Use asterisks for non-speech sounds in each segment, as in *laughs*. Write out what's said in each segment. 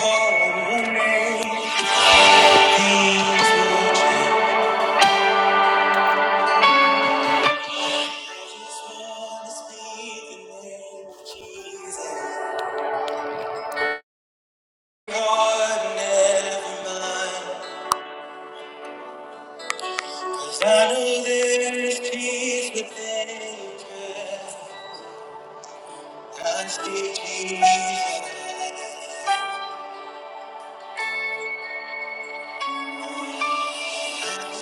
Call on name. Things Just wanna speak the name of Jesus. Lord, never mind. 'Cause I know there's peace within your presence. I speak Jesus.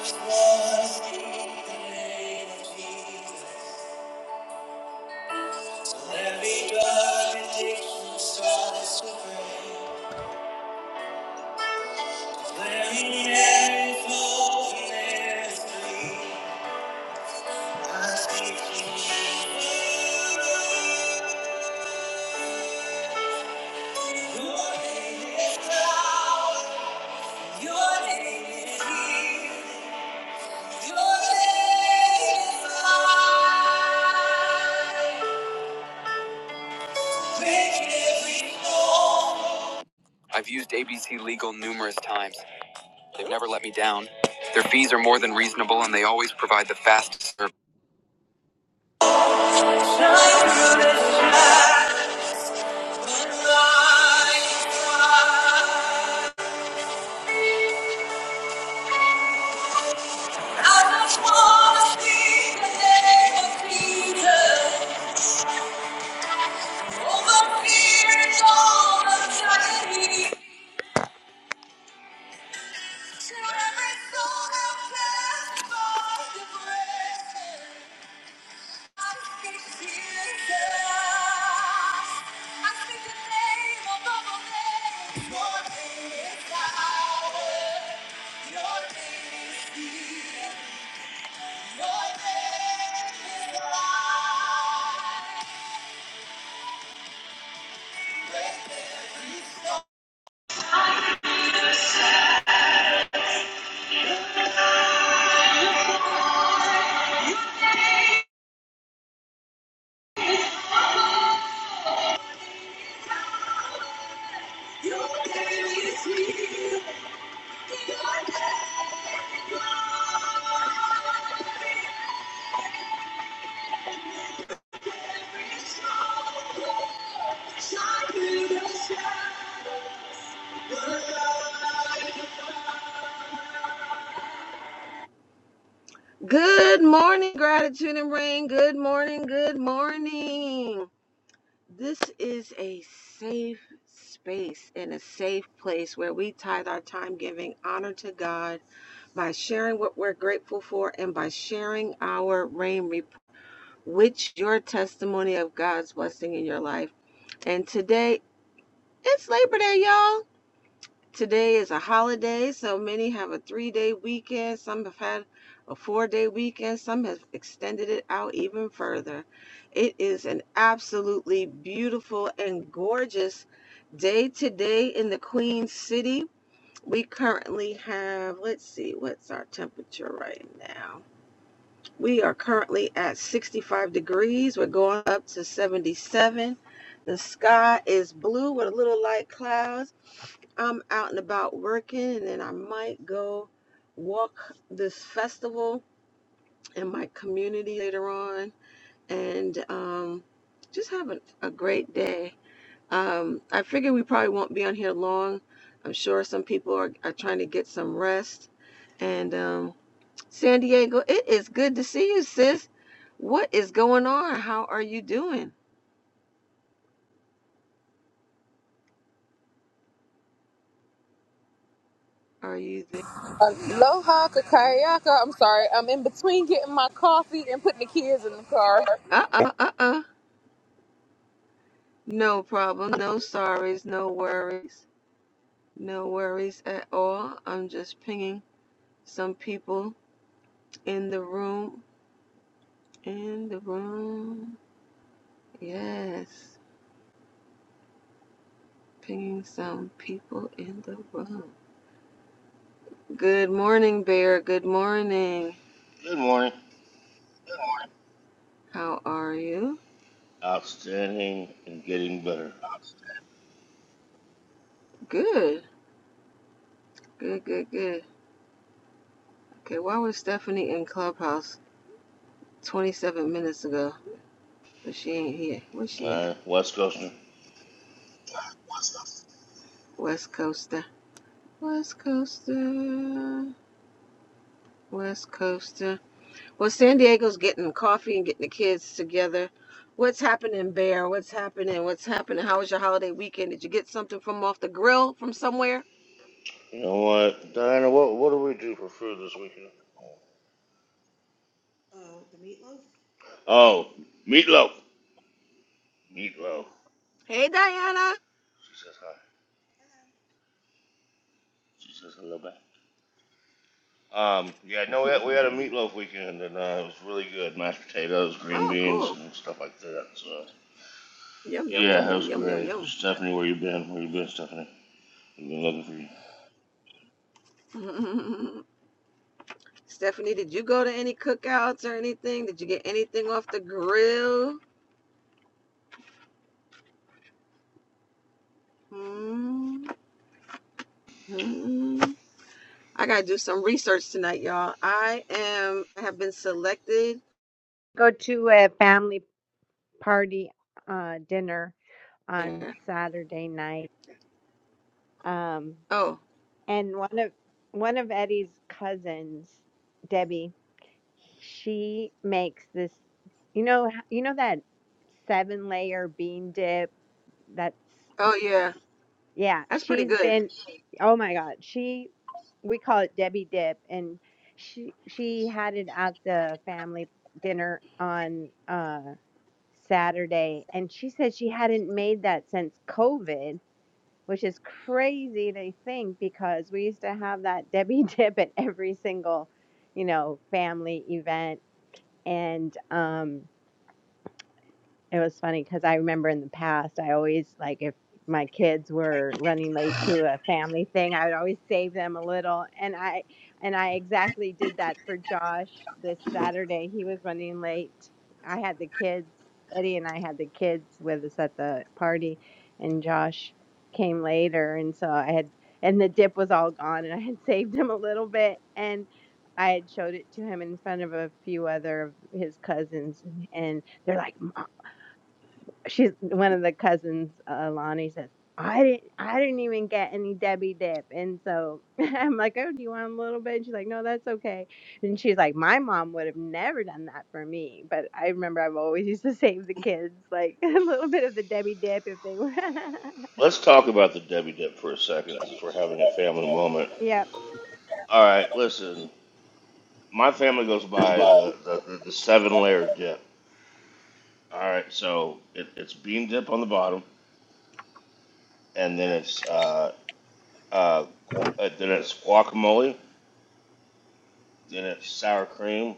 Just wanna speak the name of Jesus. Every dark addiction starts to break. Let me never fall in this dream. I've used ABC Legal numerous times. They've never let me down. Their fees are more than reasonable and they always provide the fastest service. I just wanna speak the name of Jesus over fear and all anxiety. To every soul held captive by depression, I speak Jesus. I speak the name above all names. Your name is power. Your name is healing. Your name is life. Good morning, gratitude and rain. Good morning, good morning. This is a safe space and a safe place where we tithe our time giving honor to God by sharing what we're grateful for and by sharing our rain report, which your testimony of God's blessing in your life. And today it's Labor Day, y'all. Today is a holiday, so many have a three day weekend. Some have had a four day weekend. Some have extended it out even further. It is an absolutely beautiful and gorgeous day today in the Queen City. We currently have, let's see, what's our temperature right now? We are currently at 65 degrees. We're going up to 77. The sky is blue with a little light clouds I'm out and about working, and then I might go walk this festival in my community later on and um, just have a, a great day. Um, I figure we probably won't be on here long. I'm sure some people are, are trying to get some rest. And um, San Diego, it is good to see you, sis. What is going on? How are you doing? Are you there? Aloha, kakayaka. I'm sorry. I'm in between getting my coffee and putting the kids in the car. Uh uh uh uh. No problem. No sorries. No worries. No worries at all. I'm just pinging some people in the room. In the room. Yes. Pinging some people in the room. Good morning, Bear. Good morning. Good morning. How are you? Outstanding and getting better. Good. Good, good, good. Okay, why was Stephanie in Clubhouse 27 minutes ago? But she ain't here. Where's All she at? right, West Coaster. West Coaster. West Coaster. West Coaster. Well, San Diego's getting coffee and getting the kids together. What's happening, Bear? What's happening? What's happening? How was your holiday weekend? Did you get something from off the grill from somewhere? You know what, Diana? What what do we do for food this weekend? Oh, meatloaf. Meatloaf. Hey, Diana. *laughs* She says hi. She says hello back. Um, yeah, no, we had, we had a meatloaf weekend and uh, it was really good. Mashed potatoes, green oh, beans, cool. and stuff like that. So Yum, yum, yum, yeah, it yum, was yum, yum, great. yum. Stephanie, where you been? Where you been, Stephanie? We've been looking for you. *laughs* Stephanie, did you go to any cookouts or anything? Did you get anything off the grill? hmm I gotta do some research tonight, y'all. I am I have been selected. Go to a family party uh, dinner on Oh, Saturday night. Um, oh and one of one of Eddie's cousins, Debbie, she makes this. You know, you know that seven layer bean dip. That's yeah. yeah. That's pretty She's good. been. Oh my God. She we call it Debbie dip, and she she had it at the family dinner on. uh Saturday, and she said she hadn't made that since COVID, which is crazy to think because we used to have that Debbie *laughs* dip at every single, you know, family event. And um, it was funny because I remember in the past, I always like if my kids were running late to a family thing, I would always save them a little. And I and I exactly did that for Josh this Saturday. He was running late. I had the kids. Eddie and I had the kids with us at the party, and Josh came later, and so I had and the dip was all gone, and I had *laughs* saved him a little bit, and I had showed it to him in front of a few other of his cousins, and they're like, she's one of the cousins uh, lonnie says i didn't i didn't even get any debbie dip and so *laughs* i'm like oh do you want a little bit and she's like no that's okay and she's like my mom would have never done that for me but i remember i've always used to *laughs* save the kids like *laughs* a little bit of the debbie dip if they were Let's talk about the Debbie Dip for a second since we're having a family moment. *laughs* yep All right, listen. My family goes by the, the, the, the seven layer dip. All right, so it, it's bean dip on the bottom, and then it's uh, uh, gu- uh, then it's guacamole, then it's sour cream,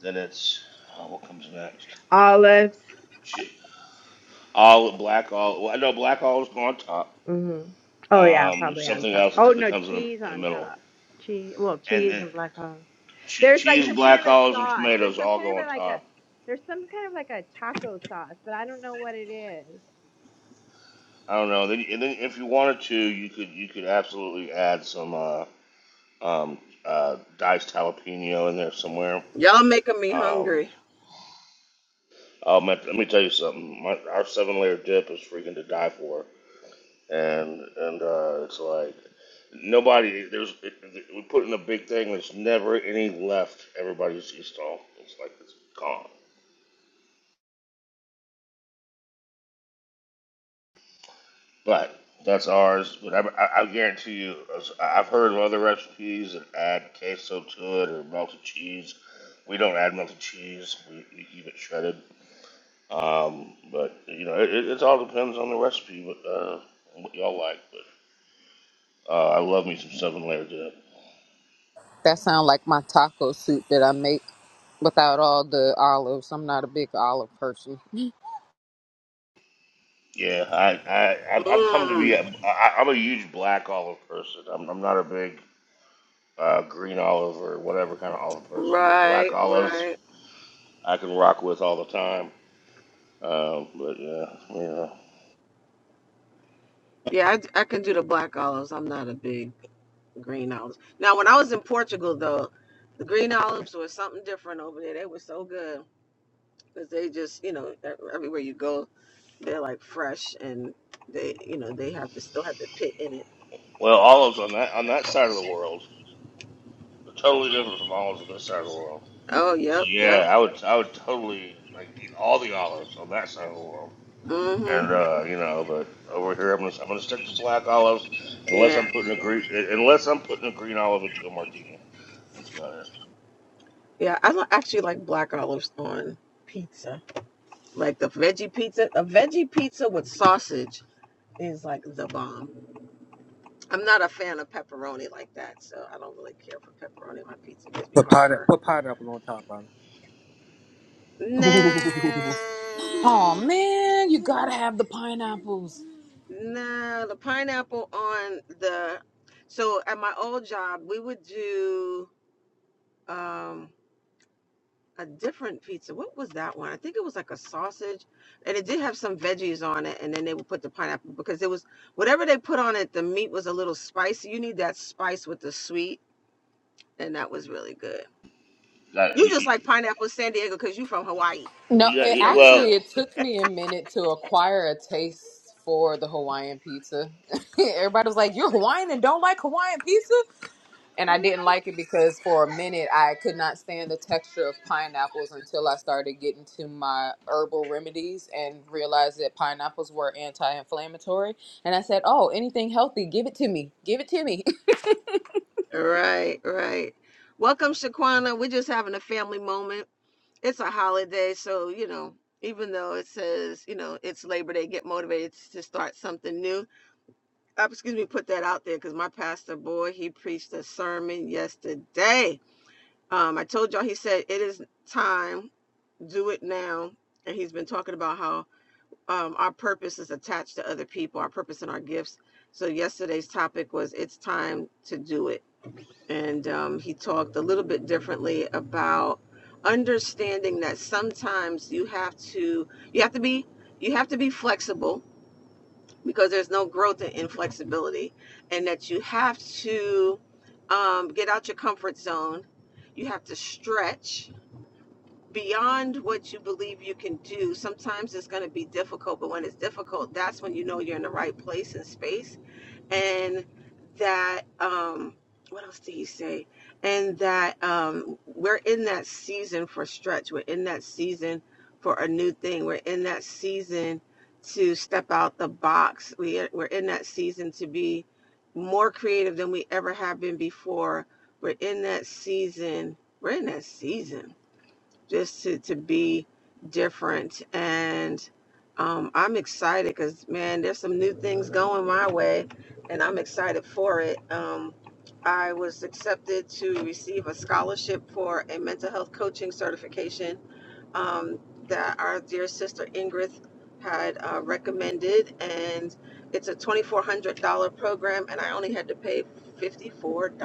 then it's oh, what comes next? olives Shit. All black olive. well, I know black olives go on top. hmm oh yeah Um, there's probably on something top else that, oh co- that no comes in the, cheese in the on middle, top cheese well and cheese then and black olive che- There's like cheese, some kind black of a olives, and sauce. There's tomatoes some all kind go of on a like a top. there's some kind of like a taco sauce, but I don't know what it is. I don't know. Then, and then if you wanted to, you could you could absolutely add some. uh. um, uh, diced jalapeno in there somewhere. Y'all making me Um, hungry. oh, man, let me tell you something. My, our seven layer dip is freaking to die for, and and uh, it's like nobody there's it, it- we put in a big thing. There's never any left. Everybody's used all. It's like it's gone. But that's ours. But I, I, I guarantee you, I've heard of other recipes that add queso to it or melted cheese. We don't add melted cheese. We, we keep it shredded. Um, but you know, it, it, all depends on the recipe, but uh, and what y'all like. But uh, I love me some seven layer dip. That sounds like my taco soup that I make without all the olives. I'm not a big olive person. Yeah, I, I I've I've come to Mm. be a, I, I'm a huge black olive person. I'm I'm not a big uh, green olive or whatever kind of olive person, but Right, black olives right. I can rock with all the time. Um, but yeah, yeah. Yeah, I, I can do the black olives. I'm not a big green olives. Now, when I was in Portugal, though, the green olives were something different over there. They were so good because they just, you know, e- everywhere you go, they're like fresh and they, you know, they have to still have the pit in it. Well, olives on that on that side of the world are totally different from olives on this side of the world. Oh, So yep, yep. yeah, I would I would totally like eat all the olives on that side of the world. and Mm-hmm. uh, you know, but over here I'm gonna I'm gonna stick to black olives unless Yeah, I'm putting a green unless I'm putting a green olive into a martini. That's about it. yeah. I li- actually like black olives on pizza, like the veggie pizza, a veggie pizza with sausage is like the bomb. I'm not a fan of pepperoni like that, so I don't really care for pepperoni my pizza. gives me Put pineapple, heartburn. put pineapple on top of it. Nah, Oh man, you gotta have the pineapples. nah. The pineapple on the so at my old job we would do um a different pizza. What was that one? I think it was like a sausage, and it did have some veggies on it, and then they would put the pineapple because it was whatever they put on it. The meat was a little spicy. You need that spice with the sweet, and that was really good. That, You you, just you, like pineapple San Diego because you from Hawaii. No, you got- it No, you- I'm just actually well, it took me a minute to acquire a taste for the Hawaiian pizza. *laughs* Everybody was like, "You're Hawaiian and don't like Hawaiian pizza?" and I joking. didn't like it because for a minute I could not stand the texture of pineapples until I started getting to my herbal remedies and realized that pineapples were anti-inflammatory. And I said, "Oh, anything healthy, give it to me, give it to me." Right, right. Welcome, Shaquana. We're just having a family moment. It's a holiday, so you know, even though it says, you know, it's Labor Day, get motivated to start something new. Uh, excuse me, put that out there because my pastor boy, he preached a sermon yesterday. Um, I told y'all he said it is time, do it now. And he's been talking about how um, our purpose is attached to other people, our purpose and our gifts. So yesterday's topic was it's time to do it. And um, he talked a little bit differently about understanding that sometimes you have to you have to be you have to be flexible because there's no growth in inflexibility and that you have to um, get out your comfort zone you have to stretch beyond what you believe you can do, sometimes it's going to be difficult, but when it's difficult, that's when you know you're in the right place and space. And that, um, what else do you say? And that um, we're in that season for stretch. We're in that season for a new thing. We're in that season to step out the box. We are, we're in that season to be more creative than we ever have been before. We're in that season. We're in that season just to, to be different. And um, I'm excited because, man, there's some new things going my way, and I'm excited for it. Um, I was accepted to receive a scholarship for a mental health coaching certification um, that our dear sister Ingrid had uh, recommended, and it's a $2,400 program, and I only had to pay $54.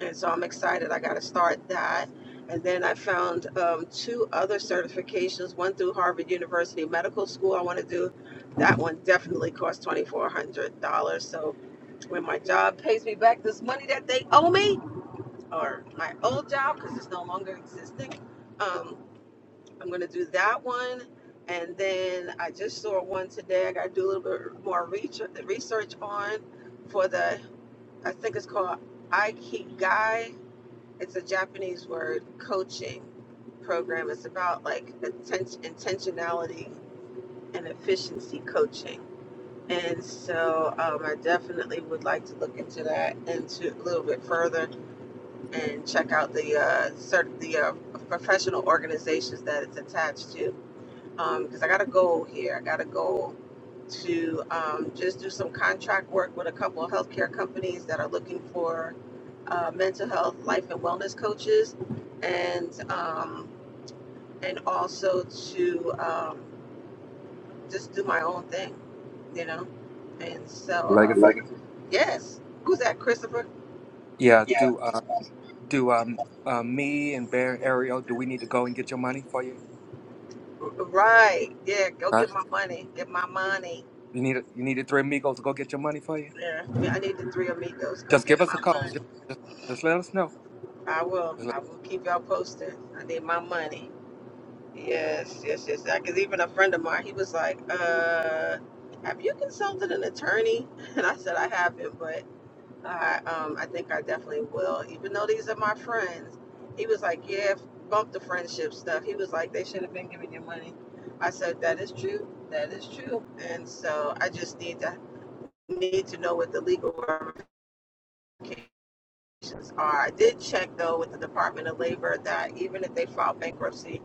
And so I'm excited. I got to start that. And then I found um, two other certifications, one through Harvard University Medical School. I want to do that one. Definitely costs twenty four hundred dollars. So when my job pays me back this money that they owe me, or my old job because it's no longer existing, um, I'm going to do that one. And then I just saw one today. I got to do a little bit more reach- research on for the. I think it's called Ikigai it's a Japanese word, coaching program. It's about like atten- intentionality and efficiency coaching. And so um, I definitely would like to look into that into a little bit further and check out the uh, cert- the uh, professional organizations that it's attached to. Because um, I got a goal here. I got a goal to um, just do some contract work with a couple of healthcare companies that are looking for uh, mental health, life, and wellness coaches, and um, and also to um, just do my own thing, you know. And so, um, Legacy. Legacy. yes, who's that, Christopher? Yeah. Yeah. Do uh do um uh me and Bear and Ariel? Do we need to go and get your money for you? R- Right, yeah. Go Huh? get my money. Get my money. You need you needed three amigos to go get your money for you. Yeah, Yeah, I need the three amigos. Go Just get give us a my call. Just money. just, just let us know. I will. Just let- I will keep y'all posted. I need my money. Yes, yes, yes. Because even a friend of mine, he was like, uh, "Have you consulted an attorney?" *laughs* And I said, "I haven't, but I, um, I think I definitely will." Even though these are my friends, he was like, "Yeah, bump the friendship stuff." He was like, "They should have been giving you money." I said, "That is true. That is true." And so I just need to need to know what the legal organizations are. I did check though with the Department of Labor that even if they file bankruptcy,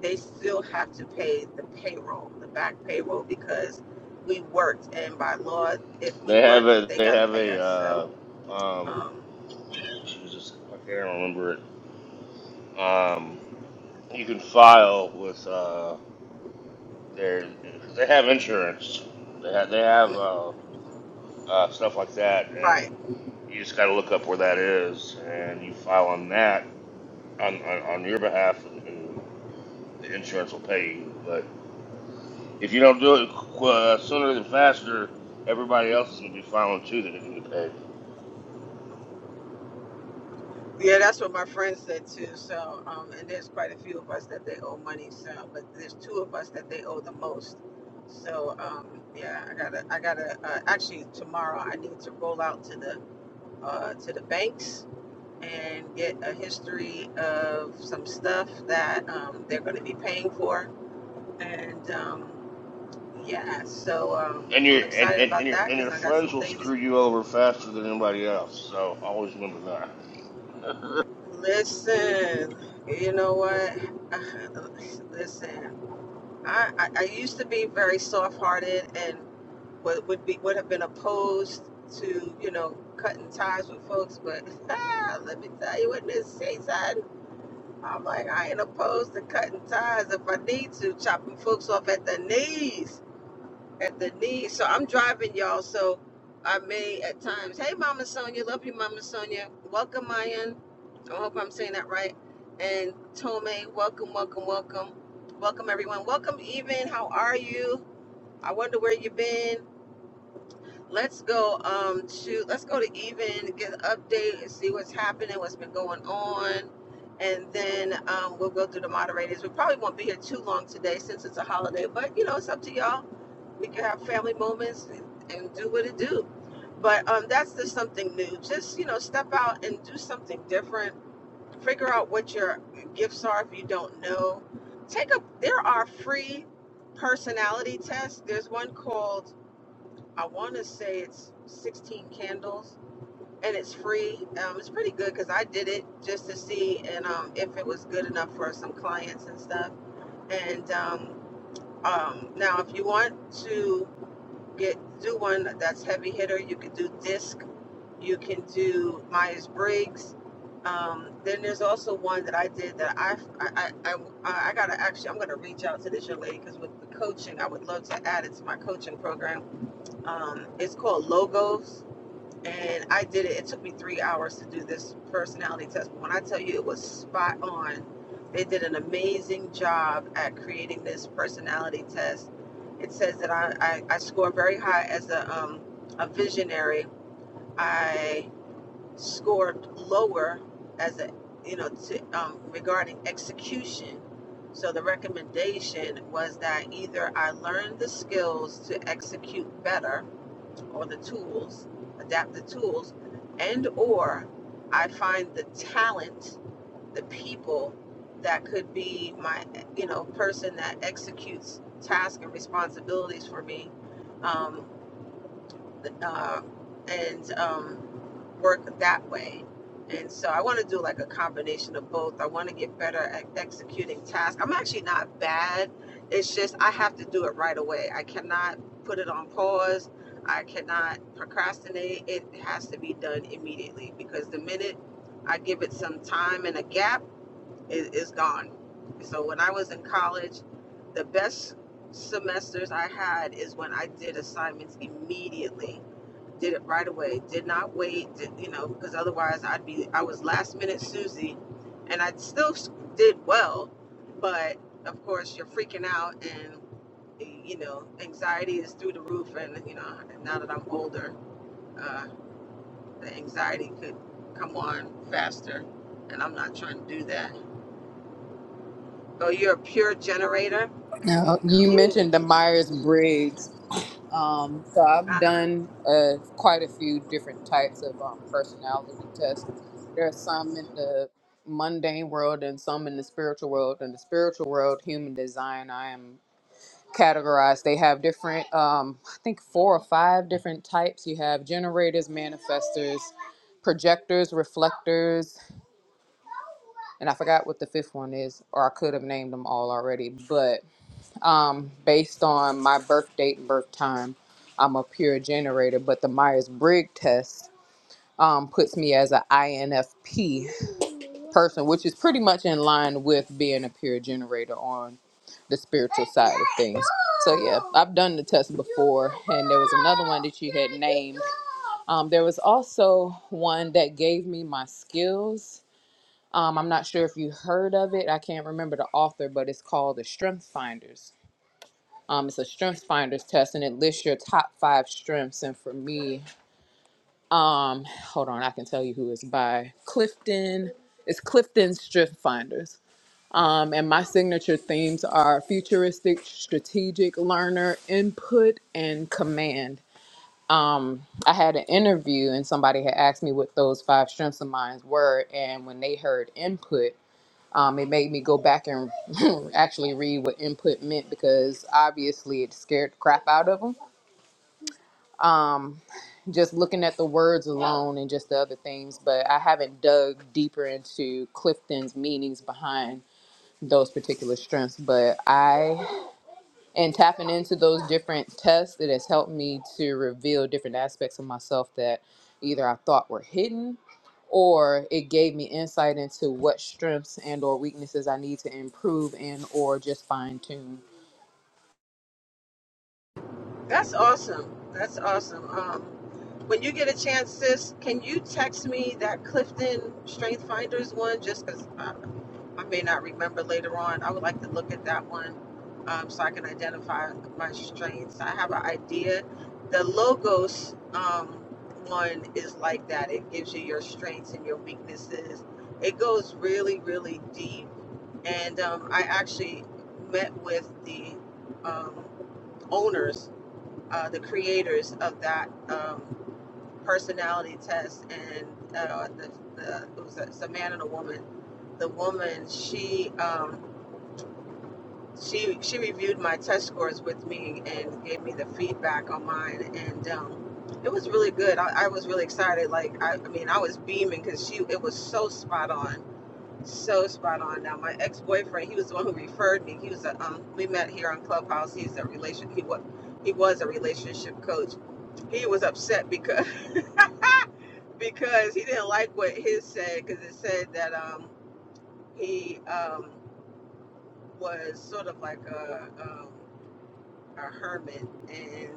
they still have to pay the payroll, the back payroll, because we worked, and by law, if we they have worked, a they they got to have pay a us. So, uh, um, um, Jesus, why can't I remember it? Um, you can file with uh, their because they have insurance. They have they have uh, uh, stuff like that, and right, you just got to look up where that is, and you file on that on, on, on your behalf, and, and the insurance will pay you. But if you don't do it qu- uh, sooner than faster, everybody else is going to be filing too that didn't get paid. yeah, that's what my friend said too. So, um, and there's quite a few of us that they owe money. So, but there's two of us that they owe the most. So, um, yeah, I gotta, I gotta. Uh, actually, tomorrow I need to roll out to the uh, to the banks and get a history of some stuff that um, they're going to be paying for. And um, yeah, so um, And I'm your and, excited and, and about your that and because your I got friends some will things. screw you over faster than anybody else. So always remember that. Listen, you know what? *sighs* *laughs* Listen, I, I, I used to be very soft hearted and would, would be would have been opposed to you know cutting ties with folks, but *laughs* let me tell you what this season. I'm like, I ain't opposed to cutting ties if I need to, chopping folks off at the knees, at the knees. So I'm driving y'all. So I may at times, hey, Mama Sonia, love you, Mama Sonia. Welcome, Mayan. I hope I'm saying that right. And Tome, welcome, welcome, welcome. Welcome, everyone. Welcome, even. How are you? I wonder where you've been. Let's go um to let's go to even get an update and see what's happening, what's been going on, and then um, we'll go through the moderators. We probably won't be here too long today since it's a holiday, but you know it's up to y'all. We can have family moments and, and do what it do. But um, that's just something new. Just you know, step out and do something different. Figure out what your gifts are if you don't know. Take a there are free personality tests. There's one called I want to say it's 16 candles and it's free. Um, it's pretty good because I did it just to see and um, if it was good enough for some clients and stuff. And um, um, now, if you want to get do one that's heavy hitter, you can do disc. You can do Myers Briggs. Um, then there's also one that I did that I I, I, I, I gotta actually I'm gonna reach out to this young lady because with the coaching I would love to add it to my coaching program. Um, it's called Logos and I did it. It took me three hours to do this personality test. But when I tell you it was spot on, they did an amazing job at creating this personality test. It says that I, I, I score very high as a, um, a visionary. I scored lower as a, you know, to, um, regarding execution. So the recommendation was that either I learned the skills to execute better or the tools, adapt the tools, and or I find the talent, the people that could be my, you know, person that executes tasks and responsibilities for me. Um, um, and um, work that way. And so I want to do like a combination of both. I want to get better at executing tasks. I'm actually not bad. It's just I have to do it right away. I cannot put it on pause. I cannot procrastinate. It has to be done immediately because the minute I give it some time and a gap, it is gone. So when I was in college, the best semesters I had is when I did assignments immediately did it right away. Did not wait, did, you know, because otherwise I'd be, I was last minute Susie and I still did well. But of course, you're freaking out and, you know, anxiety is through the roof. And, you know, now that I'm older, uh, the anxiety could come on faster. And I'm not trying to do that. Oh, you're a pure generator? *laughs* now you Cool. mentioned the Myers Briggs, um, so Uh I've huh. done uh, quite a few different types of um, personality tests. There are some in the mundane world and some in the spiritual world. In the spiritual world, human design, I am categorized. They have different, um, I think, four or five different types. You have generators, manifestors, projectors, reflectors, and I forgot what the fifth one is, or I could have named them all already. But um, based on my birth date and birth time, I'm a pure generator. But the Myers Briggs test um, puts me as an INFP, person, which is pretty much in line with being a pure generator on the spiritual side of things. So yeah, I've done the test before, and there was another one that you had named. Um, there was also one that gave me my skills. Um, I'm not sure if you heard of it. I can't remember the author, but it's called the Strength Finders. Um, it's a Strength Finders test, and it lists your top five strengths. And for me, um, hold on, I can tell you who it's by Clifton. It's Clifton Strength Finders um, and my signature themes are futuristic, strategic, learner, input, and command. Um, I had an interview and somebody had asked me what those five strengths of mine were. And when they heard input, um, it made me go back and *laughs* actually read what input meant because obviously it scared the crap out of them. Um, just looking at the words alone and just the other things, but I haven't dug deeper into Clifton's meanings behind those particular strengths. But I and tapping into those different tests it has helped me to reveal different aspects of myself that either i thought were hidden or it gave me insight into what strengths and or weaknesses i need to improve and or just fine tune That's awesome. That's awesome. Um, when you get a chance, sis, can you text me that Clifton Strength Finders one? Just because I, I may not remember later on. I would like to look at that one um, so I can identify my strengths. I have an idea. The Logos um, one is like that. It gives you your strengths and your weaknesses. It goes really, really deep. And um, I actually met with the um, owners uh, the creators of that um, personality test, and uh, the, the it was a, it's a man and a woman. The woman, she um, she she reviewed my test scores with me and gave me the feedback on mine, and um, it was really good. I, I was really excited. Like I, I mean, I was beaming because she it was so spot on, so spot on. Now my ex boyfriend, he was the one who referred me. He was a um, we met here on Clubhouse. He's a relation. He was he was a relationship coach he was upset because *laughs* because he didn't like what his said because it said that um he um was sort of like a um, a hermit and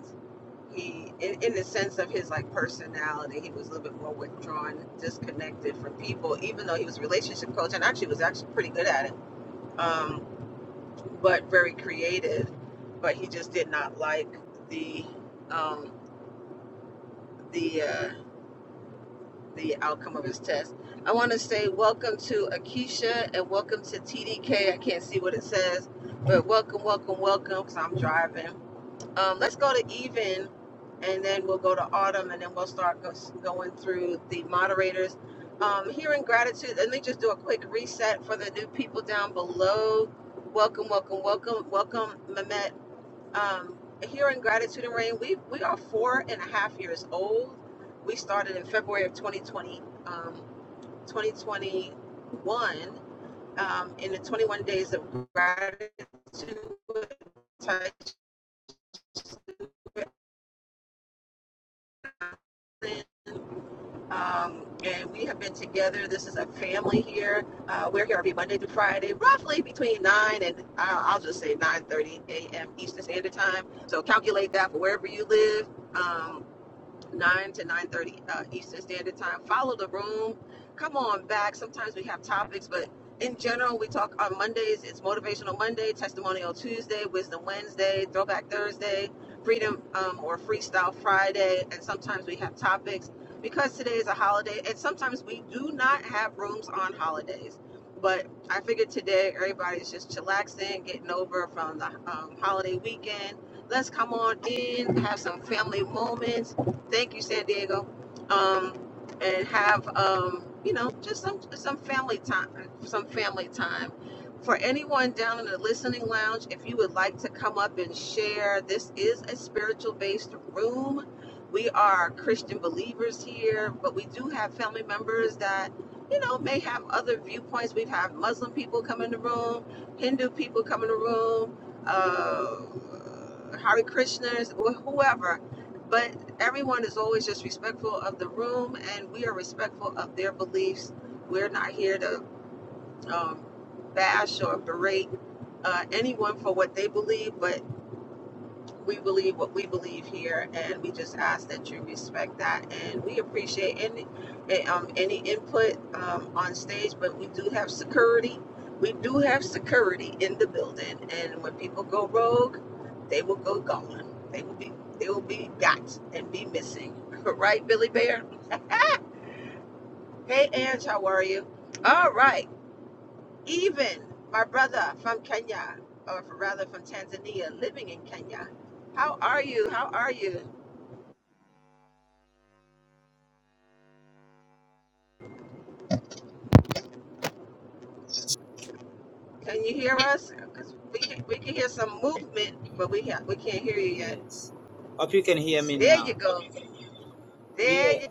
he in, in the sense of his like personality he was a little bit more withdrawn disconnected from people even though he was a relationship coach and actually was actually pretty good at it um but very creative but he just did not like the um the uh the outcome of his test. I want to say welcome to Akeisha and welcome to TDK. I can't see what it says, but welcome, welcome, welcome because I'm driving. Um, let's go to even and then we'll go to autumn and then we'll start go- going through the moderators. Um, here in gratitude, let me just do a quick reset for the new people down below. Welcome, welcome, welcome, welcome, Mehmet um, here in Gratitude and Rain, we we are four and a half years old. We started in February of 2020, um, 2021, um, in the 21 days of gratitude. with Ty Johnson. Um, and we have been together. This is a family here. Uh, we're here every Monday through Friday, roughly between 9 and uh, I'll just say 9:30 a.m. Eastern Standard Time. So calculate that for wherever you live. Um, 9 to 9.30 uh, eastern standard time follow the room come on back sometimes we have topics but in general we talk on mondays it's motivational monday testimonial tuesday wisdom wednesday throwback thursday freedom um, or freestyle friday and sometimes we have topics because today is a holiday and sometimes we do not have rooms on holidays but i figured today everybody's just chillaxing getting over from the um, holiday weekend let's come on in have some family moments Thank you, San Diego. Um, and have um, you know, just some some family time, some family time. For anyone down in the listening lounge, if you would like to come up and share, this is a spiritual based room. We are Christian believers here, but we do have family members that, you know, may have other viewpoints. We've had Muslim people come in the room, Hindu people come in the room, uh, Hare Krishnas, or whoever but everyone is always just respectful of the room and we are respectful of their beliefs we're not here to um, bash or berate uh, anyone for what they believe but we believe what we believe here, and we just ask that you respect that. And we appreciate any eh, um, any input um, on stage, but we do have security. We do have security in the building, and when people go rogue, they will go gone. They will be they will be got and be missing. *laughs* right, Billy Bear? Hey, Ange, how are you? All right, even my brother from Kenya, or rather from Tanzania, living in Kenya. How are you? How are you? Can you hear us? Because we can, we can hear some movement, but we ha- we can't hear you yet. There you go. There you.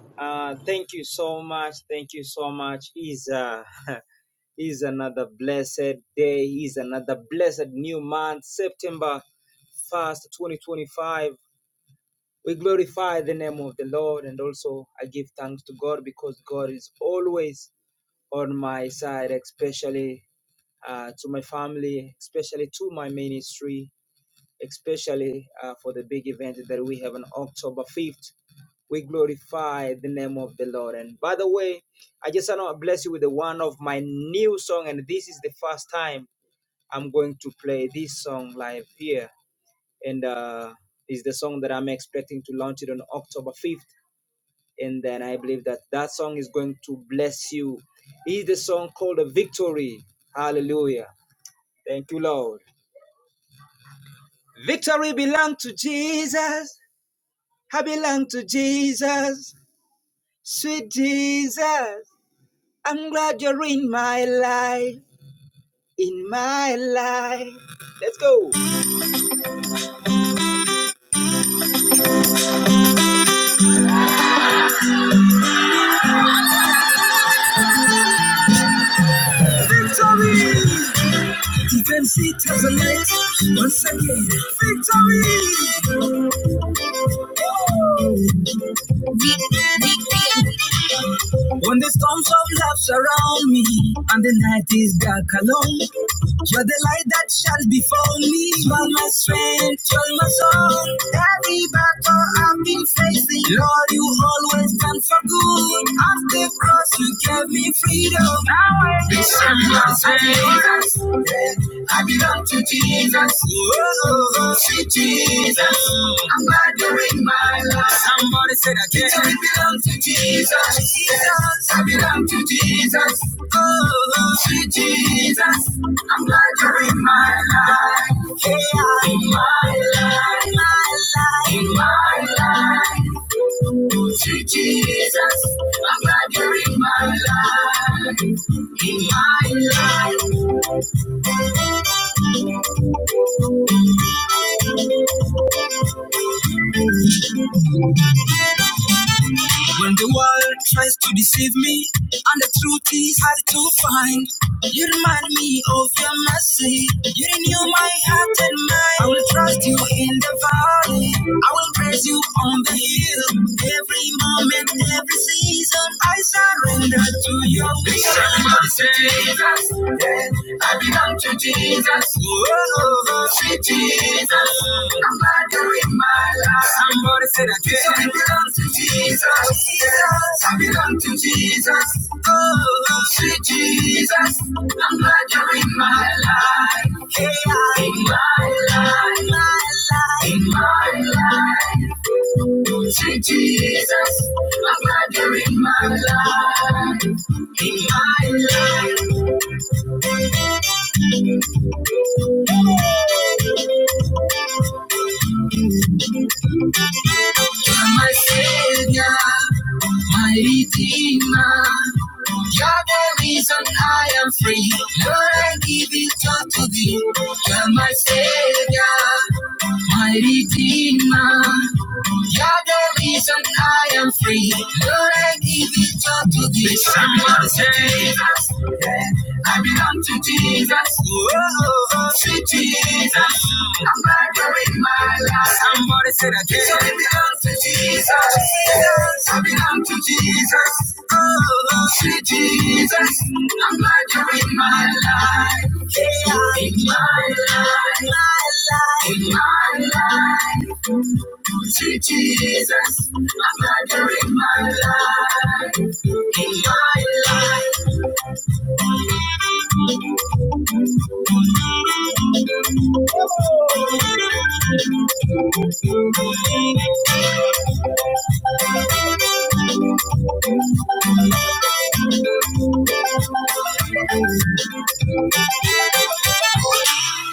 Victory! Defense it as a light. Once again, victory! Oh. When the storms of love surround me and the night is dark alone, you're the light that shines before me. You are my strength, you are my soul. Every battle I've been facing, Lord, you always stand for good. At the cross, you gave me freedom. Now I can stand my faith. I belong to Jesus. Whoa. To Jesus. I'm glad you're in my life. Somebody said again. It belongs to Jesus. Jesus. I belong to Jesus. Oh. To Jesus. I'm glad you're in my life. Yeah. In my life. My life. In my life. To Jesus. I'm glad you're in my life. In my life. When the world tries to deceive me, and the truth is hard to find, you remind me of your mercy. You renew my heart and mind. I will trust you in the valley. I will praise you on the hill. Every moment, every season, I surrender to your will. Everybody say Jesus, yeah. I be Come to Jesus. Whoa. Sweet Jesus. I'm badder in my life. Somebody said again. So I belong to Jesus. Yes. I belong to Jesus. Oh, sweet Jesus. I'm glad you're in my life. Yeah. In my life. My life. In my life. Oh, Sweet Jesus. I'm glad you're in my life. In my life. my Savior, my Redeemer. You're the reason I am free. Lord, I give it all to thee. You're my Savior, my Redeemer. You're the reason I am free. Lord, I give it all to thee. Please help me say Jesus. Yeah, I belong to Jesus. Oh, sweet Jesus. I'm murdering my life. Somebody said again. So I belong to Jesus. Yes, I belong to Jesus. Oh, sweet Jesus. I'm murdering my life. Yeah, in my life. My life. In my life. Sweet Jesus, I'm murdering my life. In my life, *laughs*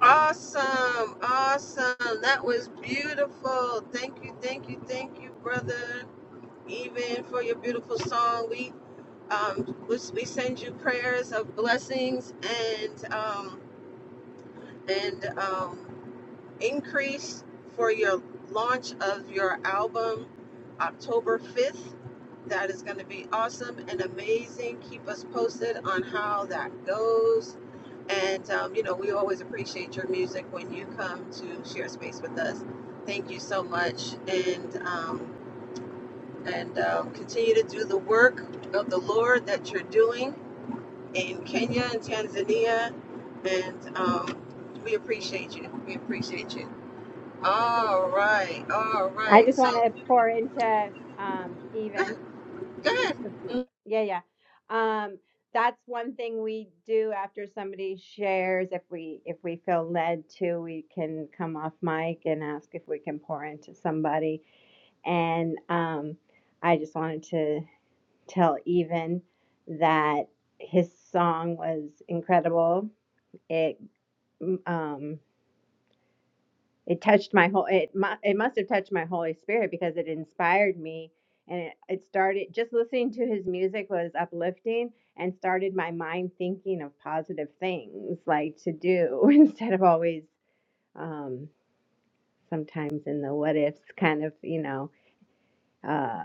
Awesome, awesome. That was beautiful. Thank you, thank you, thank you, brother. Even for your beautiful song, we um we, we send you prayers of blessings and um and um increase for your launch of your album October 5th. That is going to be awesome and amazing. Keep us posted on how that goes. And, um, you know, we always appreciate your music when you come to share space with us. Thank you so much. And, um, and um, continue to do the work of the Lord that you're doing in Kenya and Tanzania. And um, we appreciate you. We appreciate you. All right, all I right. just want So to pour into um, good, even. good. Yeah, yeah. Um, that's one thing we do after somebody shares. If we if we feel led to, we can come off mic and ask if we can pour into somebody. And um, I just wanted to tell even that his song was incredible. It m- um it touched my whole it mu- it must have touched my holy spirit because it inspired me and it, it started just listening to his music was uplifting and started my mind thinking of positive things like to do *laughs* instead of always um sometimes in the what ifs kind of you know uh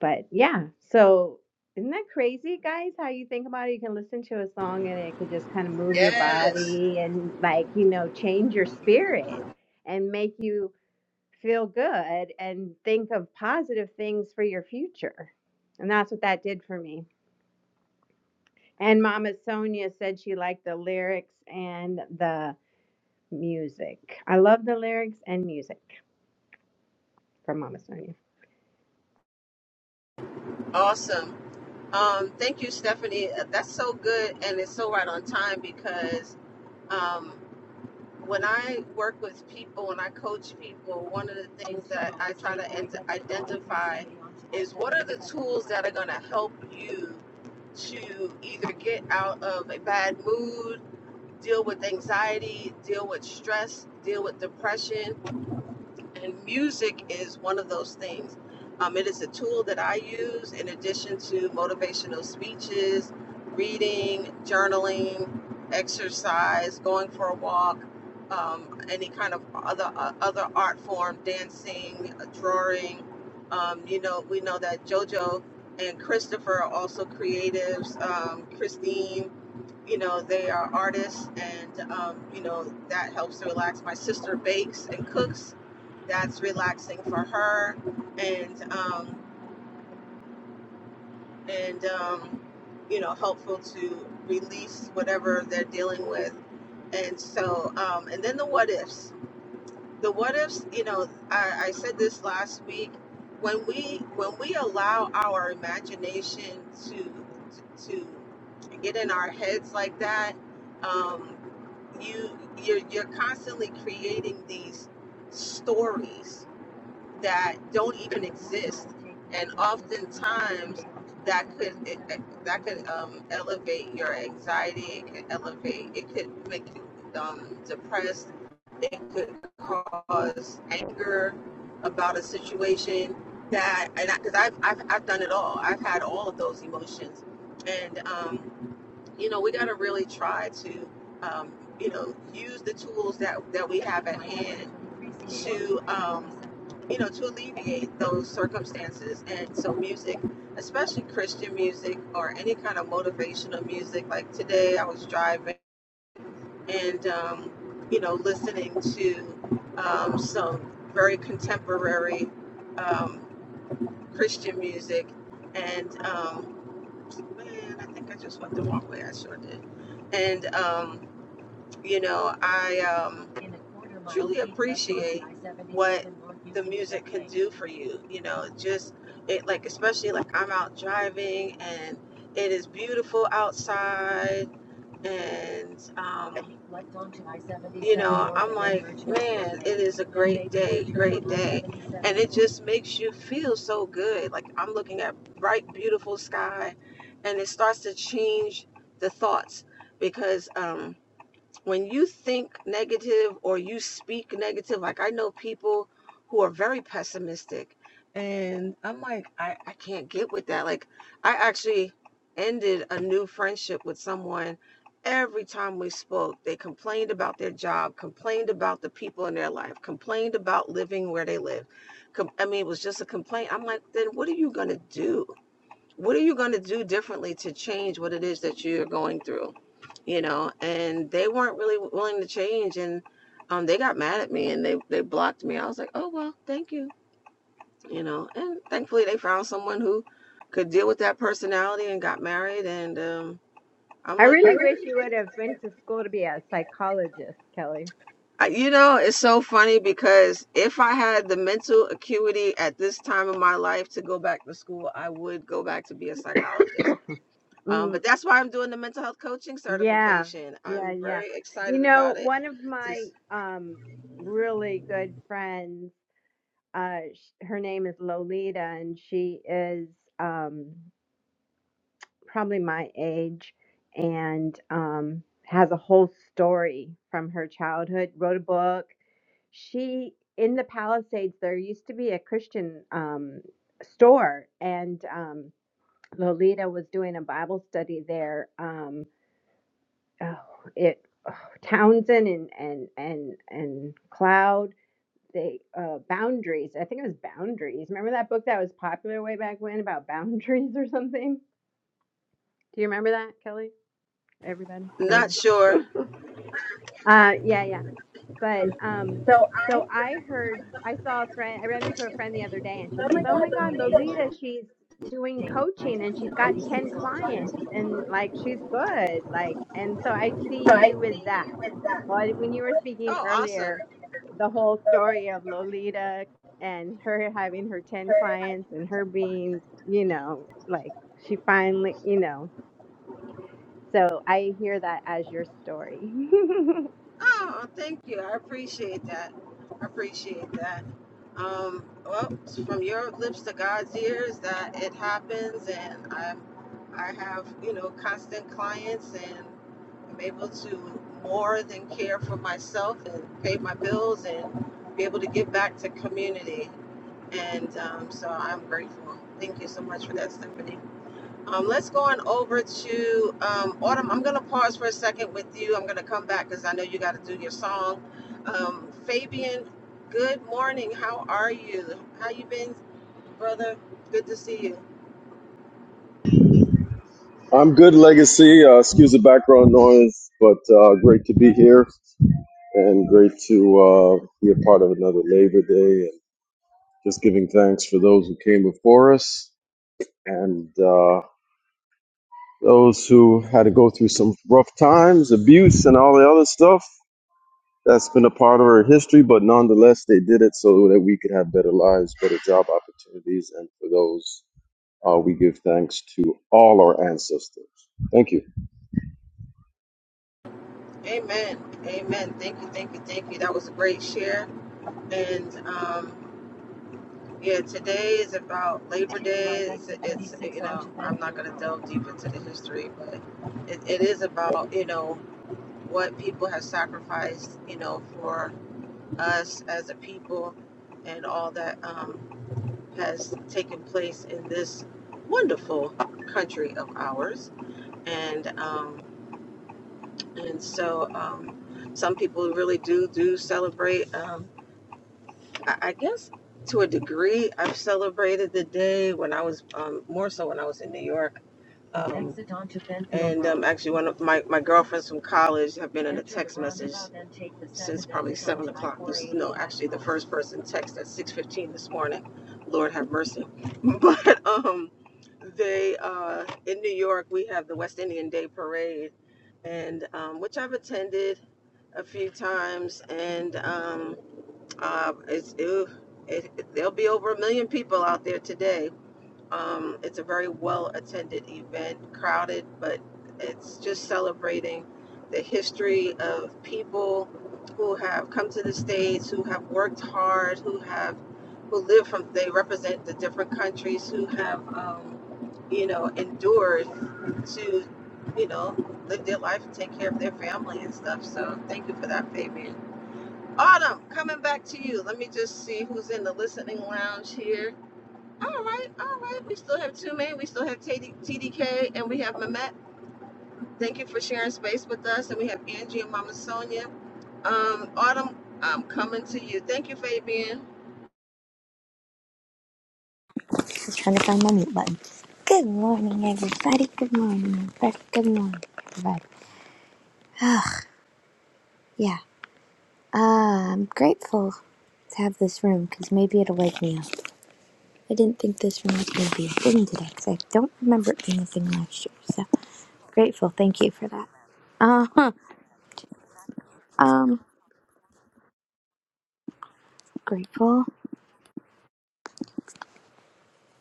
but yeah so isn't that crazy guys how you think about it you can listen to a song and it could just kind of move your Yes, body and like you know change your spirit and make you feel good and think of positive things for your future. And that's what that did for me. And Mama Sonia said she liked the lyrics and the music. I love the lyrics and music from Mama Sonia. awesome. Um, thank you, Stephanie. Uh, That's so good, and it's so right on time because um, when I work with people and I coach people, one of the things they're going to help you to either get out of a bad mood, deal with anxiety, deal with stress, deal with depression And music is one of those things. Um, it is a tool that I use in addition to motivational speeches, reading, journaling, exercise, going for a walk, um, any kind of other uh, other art form, dancing, drawing. Um, you know, we know that JoJo and Christopher are also creatives. Um, Christine you know they are artists and um, you know that helps to relax my sister bakes and cooks that's relaxing for her and um, and um, you know helpful to release whatever they're dealing with and so um, and then the what ifs the what ifs you know I, I said this last week when we when we allow our imagination to to get in our heads like that um, you you're, you're constantly creating these stories that don't even exist, and oftentimes that could that could um, elevate your anxiety. It could elevate. It could make you um, depressed. It could cause anger about a situation that and because I've, I've I've done it all. I've had all of those emotions, and um, you know we got to really try to um, you know use the tools that that we have at hand to um, you know, to alleviate those circumstances. And so, music, especially Christian music or any kind of motivational music, like today I was driving and, um, you know, listening to um, some very contemporary um, Christian music. And um, man, I think I just went the wrong way. I sure did. And, um, you know, I. Um, do for you. You know, just it like especially like I'm out driving and it is beautiful outside and um it's a just makes you feel so good. Like I'm looking at bright, beautiful sky and it starts to change the thoughts because um when you think negative or you speak negative, like I know people who are very pessimistic, and I'm like, I, I can't get with that. Like, I actually ended a new friendship with someone. Every time we spoke, they complained about their job, complained about the people in their life, complained about living where they live. Com- I mean, it was just a complaint. I'm like, then what are you going to do? what are you going to do differently to change what it is that you're going through you know and they weren't really willing to change and um, they got mad at me and they, they blocked me i was like oh well thank you you know and thankfully they found someone who could deal with that personality and got married and um, i'm I like really wish you would have went to school to be a psychologist, Kelly. I, you know it's so funny because if i had the mental acuity at this time of my life to go back to school i would go back to be a psychologist Um, Mm, but that's why I'm doing the mental health coaching yeah, certification. yeah, I'm yeah. very You excited know, about it. one of my Just um, really good friends, uh, sh- her name is Lolita, and she is um, probably my age and um, has a whole story from her childhood wrote a book she in the palisades there used to be a christian um, store and um, lolita was doing a bible study there um, oh, it oh, townsend and and and and cloud they uh, boundaries i think it was boundaries remember that book that was popular way back when about boundaries or something do you remember that kelly everybody anybody? not sure. Uh, yeah, yeah. But um, so I heard, I saw a friend, I ran into a friend the other day, and she says, "Oh my God, Lolita, she's doing coaching and she's got 10 clients and like she's good." Like, and so I see you with that. Well, when you were speaking Oh, awesome. earlier, the whole story of Lolita and her having her 10 clients and her being, you know, like she finally, you know, so I hear that as your story. *laughs* Oh, thank you. I appreciate that. I appreciate that. Um, well, it's from your lips to God's ears that it happens, and I'm, I have, you know, constant clients, and I'm able to more than care for myself and pay my bills and be able to give back to community. And um, so I'm grateful. Thank you so much for that, Stephanie. Um, let's go on over to um, Autumn. I'm going to pause for a second with you. I'm going to come back because I know you got to do your song. Um, Fabian, good morning. How are you? How you been, brother? Good to see you. I'm good, Legacy. Uh, excuse the background noise, but uh, great to be here and great to uh, be a part of another Labor Day and just giving thanks for those who came before us and uh, those who had to go through some rough times, abuse, and all the other stuff. That's been a part of our history, but nonetheless, they did it so that we could have better lives, better job opportunities, and for those, uh, we give thanks to all our ancestors. Thank you. Amen. Amen. Thank you. Thank you. Thank you. That was a great share. And um, yeah, today is about labor. I'm not going to delve deep into the history, but it, it is about, you know, what people have sacrificed, you know, for us as a people and all that um, has taken place in this wonderful country of ours. And um, and so um, some people really do do celebrate. Um, I, I guess to a degree, I've celebrated the day when I was um, more so when I was in New York. Um, actually, one of my, my girlfriends from college have been. actually the first person text at 6:15 this morning. Lord have mercy. *laughs* But um they uh in New York we have the West Indian Day parade and um which I've attended a few times and um uh it's it, it, there'll be over a million people out there today um, it's a very well attended event, crowded, but it's just celebrating the history of people who have come to the States, who have worked hard, who have who live from they represent the different countries, who have um, you know endured to you know live their life and take care of their family and stuff. So thank you for that, Fabian. Autumn, coming back to you. Let me just see who's in the listening lounge here. All right, all right. We still have two men. We still have TDK and we have Mamet. Thank you for sharing space with us. And we have Angie and Mama Sonia. Um, Autumn, I'm coming to you. Thank you, Fabian. I'm trying to find my mute button. Good morning, everybody. Good morning, everybody. Good morning, everybody. Yeah, uh, I'm grateful to have this room because maybe it'll wake me up. I didn't think this room was going to be a thing today because I don't remember it being a thing last year. So grateful. Thank you for that. Uh huh. Um, grateful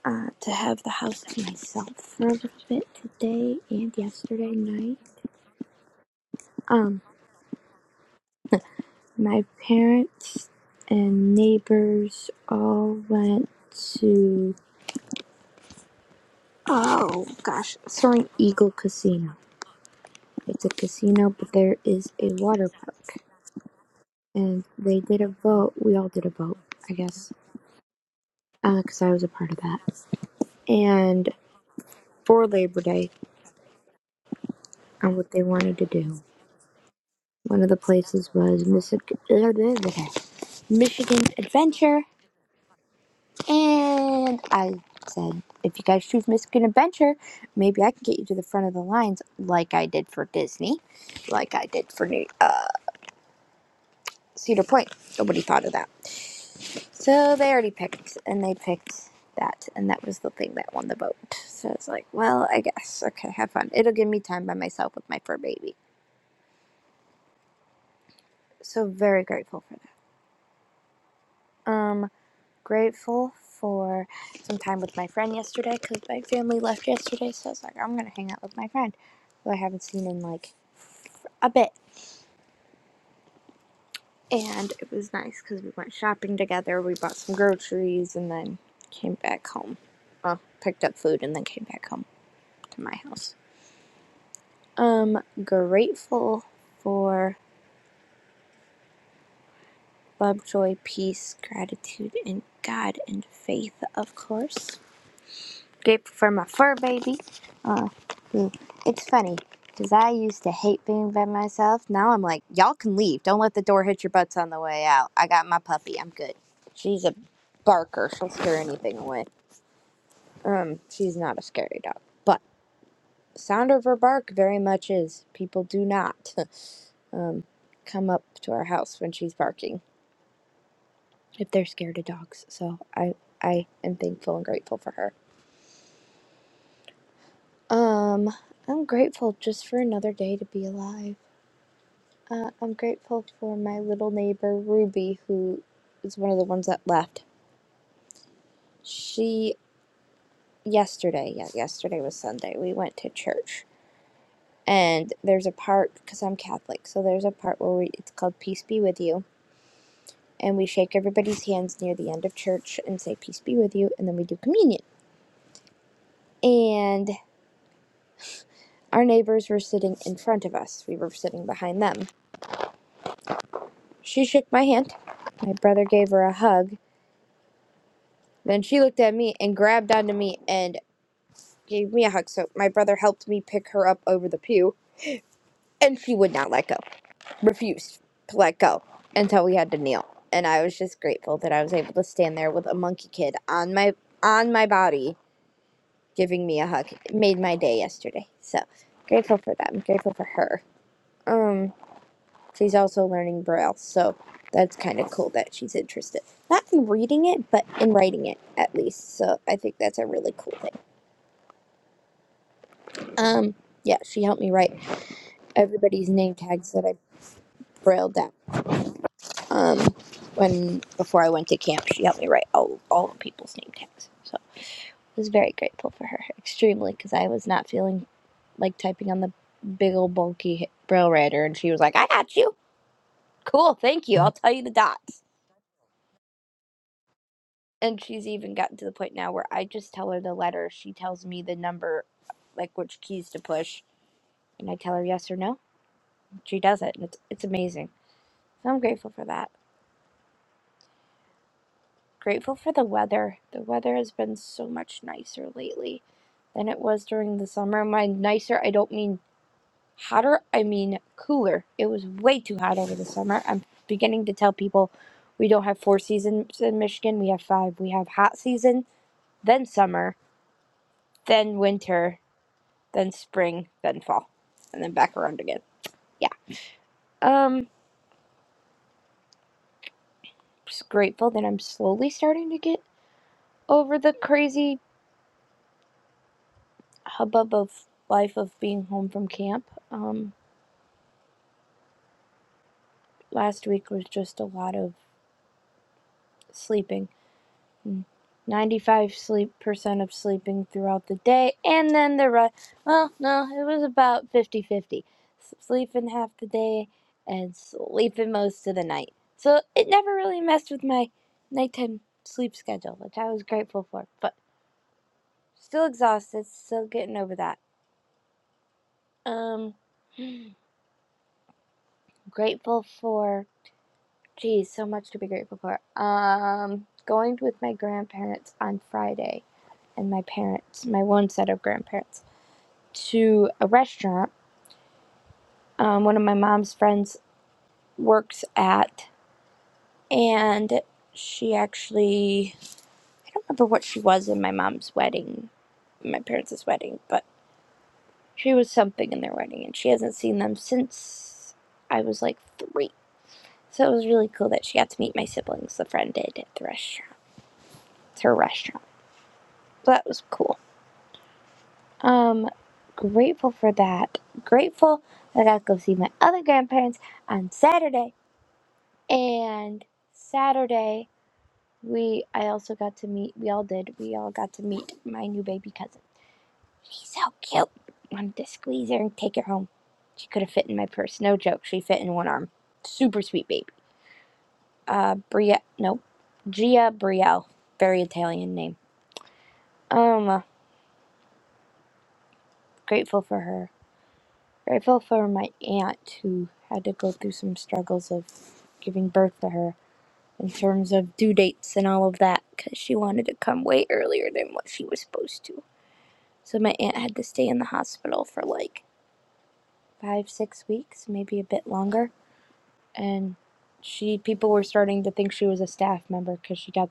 uh, to have the house to myself for a little bit today and yesterday night. Um, My parents and neighbors all went to oh gosh, Soaring Eagle Casino. It's a casino, but there is a water park, and they did a vote. We all did a vote, I guess, because uh, I was a part of that. And for Labor Day, on what they wanted to do, one of the places was Michigan Adventure, And I said, if you guys choose Michigan Adventure, maybe I can get you to the front of the lines like I did for Disney, like I did for New, uh, Cedar Point. Nobody thought of that. So they already picked, and they picked that, and that was the thing that won the vote. So it's like, well, I guess. Okay, have fun. It'll give me time by myself with my fur baby. So very grateful for that. Um, grateful for some time with my friend yesterday because my family left yesterday. So I was like, I'm going to hang out with my friend who I haven't seen in like a bit. And it was nice because we went shopping together. We bought some groceries and then came back home. Well, picked up food and then came back home to my house. Um, grateful for love, joy, peace, gratitude, and God and faith, of course Grateful for my fur baby. Uh, mm, it's funny because I used to hate being by myself. Now I'm like, y'all can leave. Don't let the door hit your butts on the way out. I got my puppy. I'm good. She's a barker. She'll scare anything away. Um, she's not a scary dog, but sound of her bark very much is. People do not *laughs* um come up to our house when she's barking if they're scared of dogs. So I I am thankful and grateful for her. Um, I'm grateful just for another day to be alive. Uh, I'm grateful for my little neighbor Ruby, who is one of the ones that left. She yesterday, yeah, yesterday was Sunday. We went to church, and there's a part because I'm Catholic, so there's a part where we it's called "Peace be with you," and we shake everybody's hands near the end of church and say "Peace be with you," and then we do communion. And our neighbors were sitting in front of us. We were sitting behind them She shook my hand. My brother gave her a hug. Then she looked at me and grabbed onto me and gave me a hug. So my brother helped me pick her up over the pew, and she would not let go, refused to let go until we had to kneel. And I was just grateful that I was able to stand there with a monkey kid on my on my body giving me a hug. It made my day yesterday. So grateful for them. Grateful for her. Um. She's also learning Braille, so that's kind of cool that she's interested. Not in reading it, but in writing it at least. So I think that's a really cool thing. Um, yeah, she helped me write everybody's name tags that I brailled down. Um, when before I went to camp, she helped me write all all the people's name tags. So I was very grateful for her, extremely, because I was not feeling like typing on the big old bulky braille writer, and she was like, "I got you. Cool, thank you. I'll tell you the dots." And she's even gotten to the point now where I just tell her the letter. She tells me the number, like which keys to push, and I tell her yes or no. She does it, and it's it's amazing. So I'm grateful for that. Grateful for the weather. The weather has been so much nicer lately than it was during the summer. My nicer, I don't mean hotter. I mean cooler. It was way too hot over the summer. I'm beginning to tell people we don't have four seasons in Michigan. We have five. We have hot season, then summer, then winter. then spring, then fall, and then back around again. Yeah. Um, just grateful that I'm slowly starting to get over the crazy hubbub of life of being home from camp. Um, last week was just a lot of sleeping 95 sleep percent of sleeping throughout the day and then the rest well no it was about fifty-fifty, sleeping half the day and sleeping most of the night so it never really messed with my nighttime sleep schedule which i was grateful for but still exhausted still getting over that um *sighs* grateful for geez so much to be grateful for um going with my grandparents on friday and my parents my one set of grandparents to a restaurant um, one of my mom's friends works at, and she actually, I don't remember what she was in my mom's wedding, my parents' wedding, but she was something in their wedding, and she hasn't seen them since I was like three. So it was really cool that she got to meet my siblings, the friend did at the restaurant. It's her restaurant. So that was cool. Um, grateful for that. Grateful that I got to go see my other grandparents on Saturday And Saturday, we I also got to meet. We all did. We all got to meet my new baby cousin. She's so cute. Wanted to squeeze her and take her home. She could have fit in my purse. No joke. She fit in one arm. Super sweet baby. Uh, Bria. No, Gia Brielle. Very Italian name. Um, uh, grateful for her. Grateful for my aunt who had to go through some struggles of giving birth to her in terms of due dates and all of that because she wanted to come way earlier than what she was supposed to. So my aunt had to stay in the hospital for like five, six weeks, maybe a bit longer. And she, people were starting to think she was a staff member because she got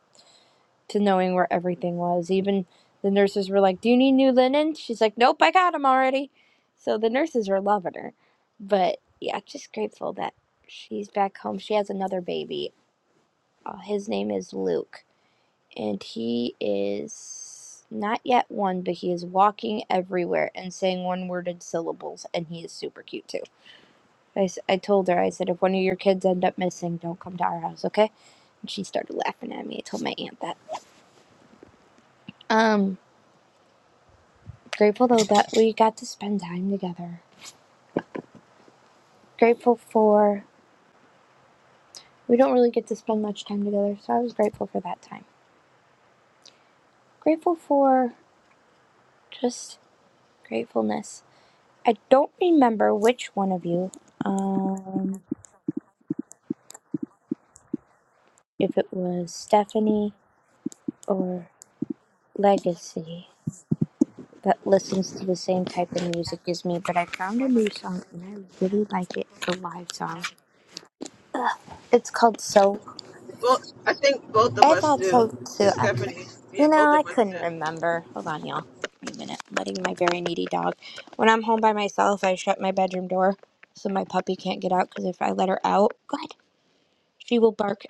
to knowing where everything was. Even the nurses were like, Do you need new linen? She's like, Nope, I got 'em already. So the nurses were loving her. But yeah, just grateful that she's back home. She has another baby. Uh, his name is Luke and he is not yet one, but he is walking everywhere and saying one-worded syllables, and he is super cute too. I I told her, I said, if one of your kids end up missing, don't come to our house, okay? And she started laughing at me. I told my aunt that. Um, grateful though that we got to spend time together. Grateful for we don't really get to spend much time together, so I was grateful for that time. Grateful for just gratefulness. I don't remember which one of you. um. if it was Stephanie or Legacy that listens to the same type of music as me, but I found a new song and I really like it. It's a live song. It's called So. Well, I think both of I us thought so do. too. Because I cou- Stephanie, yeah, you know, both I of us couldn't do. remember. Hold on, y'all. Wait a minute. I'm letting my very needy dog. When I'm home by myself, I shut my bedroom door so my puppy can't get out because if I let her out, God, she will bark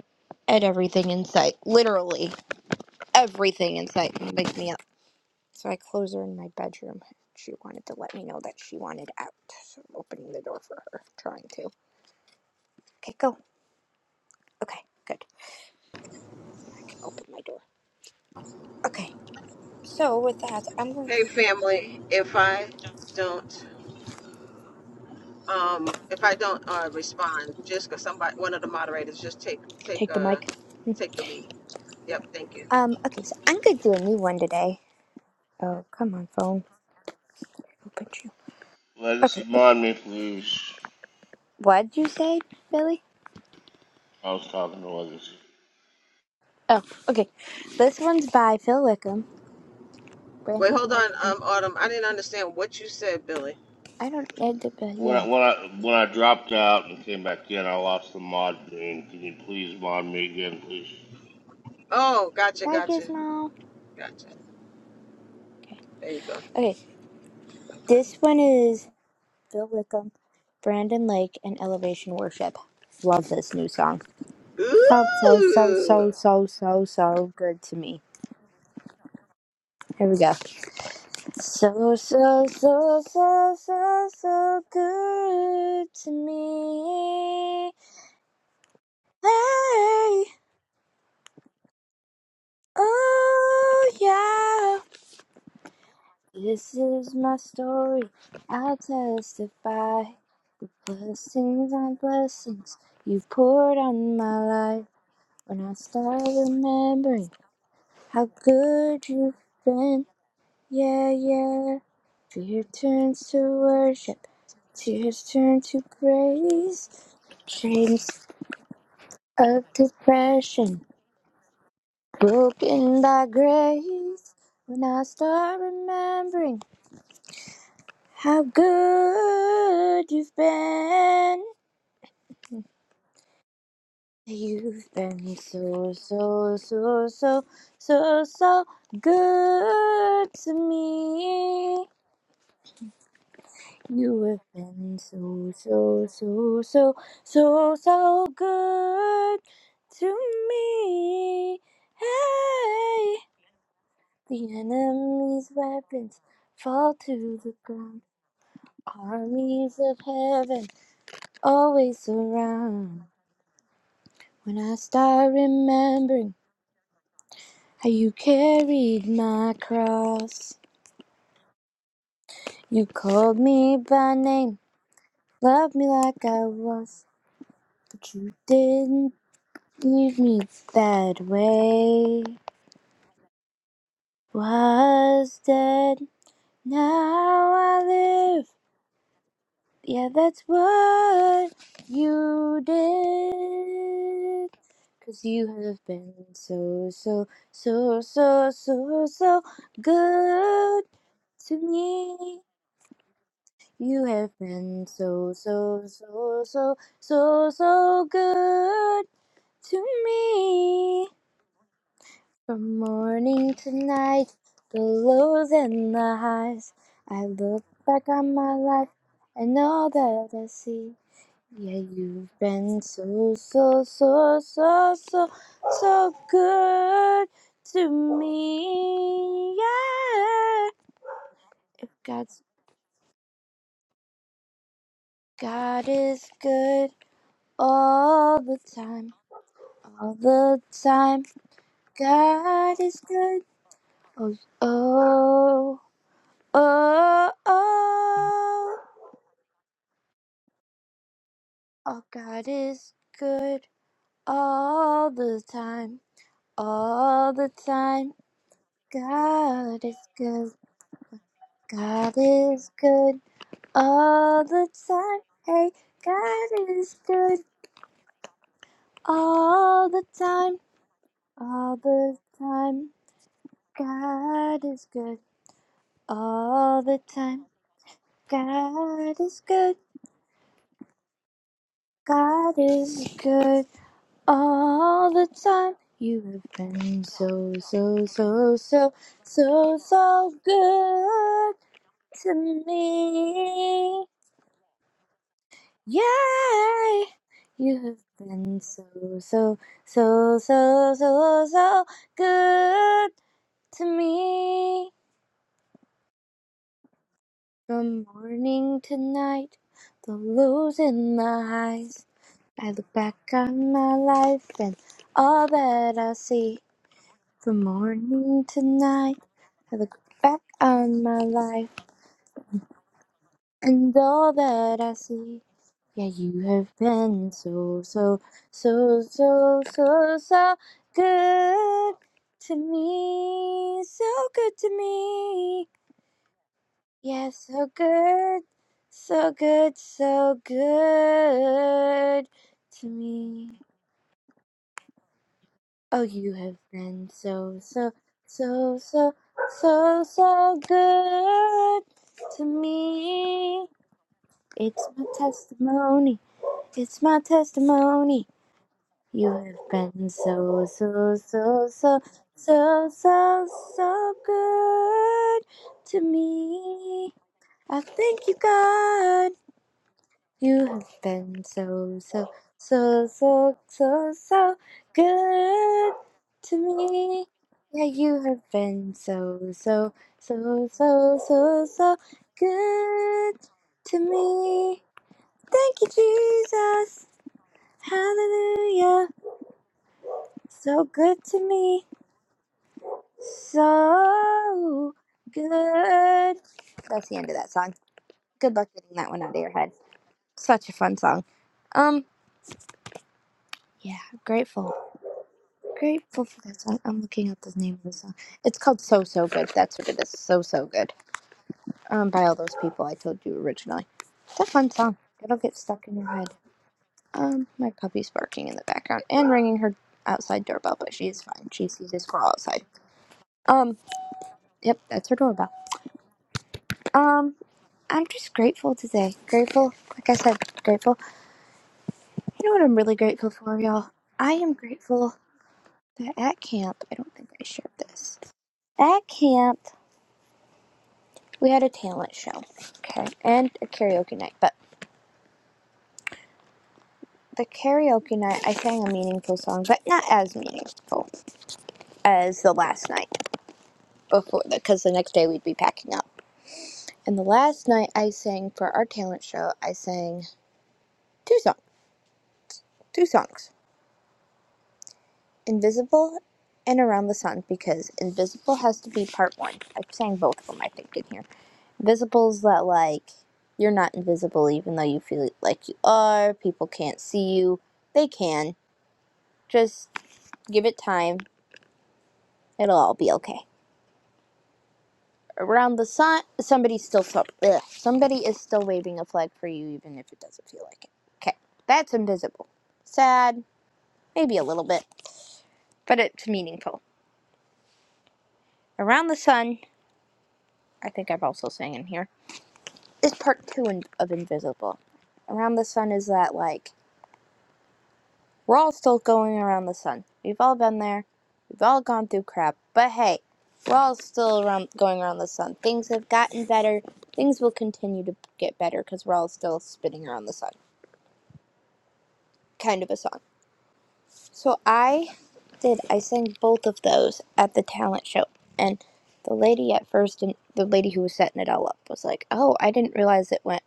at everything in sight. Literally everything in sight and wake me up. So I close her in my bedroom. She wanted to let me know that she wanted out. So I'm opening the door for her, trying to. Okay, go. Okay, good. I can open my door. Okay. So with that, I'm going Hey, to family, if I don't. Um, if I don't uh, respond, just because somebody, one of the moderators, just take take take the uh, mic. take the lead. Yep, thank you. Um, okay, so I'm gonna do a new one today. Oh, come on, phone. Open you. *laughs* Legacy, Okay. mod me, please. What'd you say, Billy? I was talking to Legacy. Oh, okay. This one's by Phil Wickham, Wait, Brandon hold Mike, on, and um, Autumn. I didn't understand what you said, Billy. I don't need to, but When yeah. I, when I when I dropped out and came back in, I lost the mod thing. Can you please mod me again, please? Oh, gotcha, Bye, gotcha, Gizmo. gotcha. There you go. Okay, Okay. this one is Bill Wickham, Brandon Lake, and Elevation Worship. Love this new song. Felt so, so, Ooh. so, so, so, so good to me. Here we go. So, so, so, so, so, so good to me. Hey, oh, yeah. This is my story. I'll testify. Blessings on blessings you've poured on my life. When I start remembering How good you've been, yeah, yeah. Fear turns to worship, tears turn to praise. Chains of depression broken by grace. When I start remembering how good you've been, you've been so, so, so, so, so, so good to me. You have been so, so, so, so, so, so good to me. Hey, the enemy's weapons fall to the ground. Armies of heaven always surround. When I start remembering how you carried my cross, you called me by name, loved me like I was, but you didn't. leave me that way. Was dead, now I live. Yeah, that's what you did. 'Cause you have been so, so, so, so, so, so good to me. You have been so, so, so, so, so, so good to me. From morning to night, the lows and the highs. I look back on my life and all that I see. Yeah, you've been so, so, so, so, so, so good to me. Yeah. If God's God is good all the time, all the time, God is good. Oh, oh. Oh, oh, oh, God is good all the time, all the time. God is good, God is good all the time. Hey, God is good all the time, all the time. God is good all the time. God is good, God is good All the time you have been so, so, so, so, so, so good to me. Yay! You have been so, so, so, so, so, so good to me. From morning to night, the lows and the highs. I look back on my life and all that I see. From morning to night, I look back on my life and all that I see. Yeah, you have been so, so, so, so, so, so good to me. So good to me. Yeah, so good, so good, so good to me. Oh, you have been so, so, so, so, so, so good to me. It's my testimony. It's my testimony. You have been so, so, so, so, so, so, so good to me. I thank you, God. You have been so, so, so, so, so, so good to me. Yeah, you have been so, so, so, so, so, so good to me. Thank you, Jesus. Hallelujah. So good to me. So good. That's the end of that song. Good luck getting that one out of your head. Such a fun song. Um, yeah, grateful. Grateful for that song. I'm looking up the name of the song. It's called So So Good. That's what it is. So So Good. Um, by all those people I told you originally. It's a fun song. It'll get stuck in your head. Um, my puppy's barking in the background and ringing her outside doorbell, but she is fine. She sees a squirrel outside. Um, yep, that's her doorbell. Um, I'm just grateful today. Grateful, like I said, grateful. You know what I'm really grateful for, y'all? I am grateful that at camp, I don't think I shared this. At camp. We had a talent show, okay, and a karaoke night. But the karaoke night, I sang a meaningful song, but not as meaningful as the last night before, because the next day we'd be packing up. And the last night I sang for our talent show, I sang two songs, two songs, "Invisible" and "Around the Sun," because "Invisible" has to be part one. I sang both of them, I think, in here. "Invisible's" that like you're not invisible even though you feel like you are. People can't see you. They can just Give it time. It'll all be okay. Around the sun, somebody's still so, ugh, somebody is still waving a flag for you, even if it doesn't feel like it. Okay, that's invisible. Sad, maybe a little bit, but it's meaningful. Around the sun, I think I've also sang in here. Is part two in, of invisible. Around the sun is that like We're all still going around the sun. We've all been there. We've all gone through crap. But hey, we're all still around going around the sun. Things have gotten better. Things will continue to get better because we're all still spinning around the sun. Kind of a song. So I did. I sang both of those at the talent show, and the lady at first, and the lady who was setting it all up, was like, "Oh, I didn't realize it went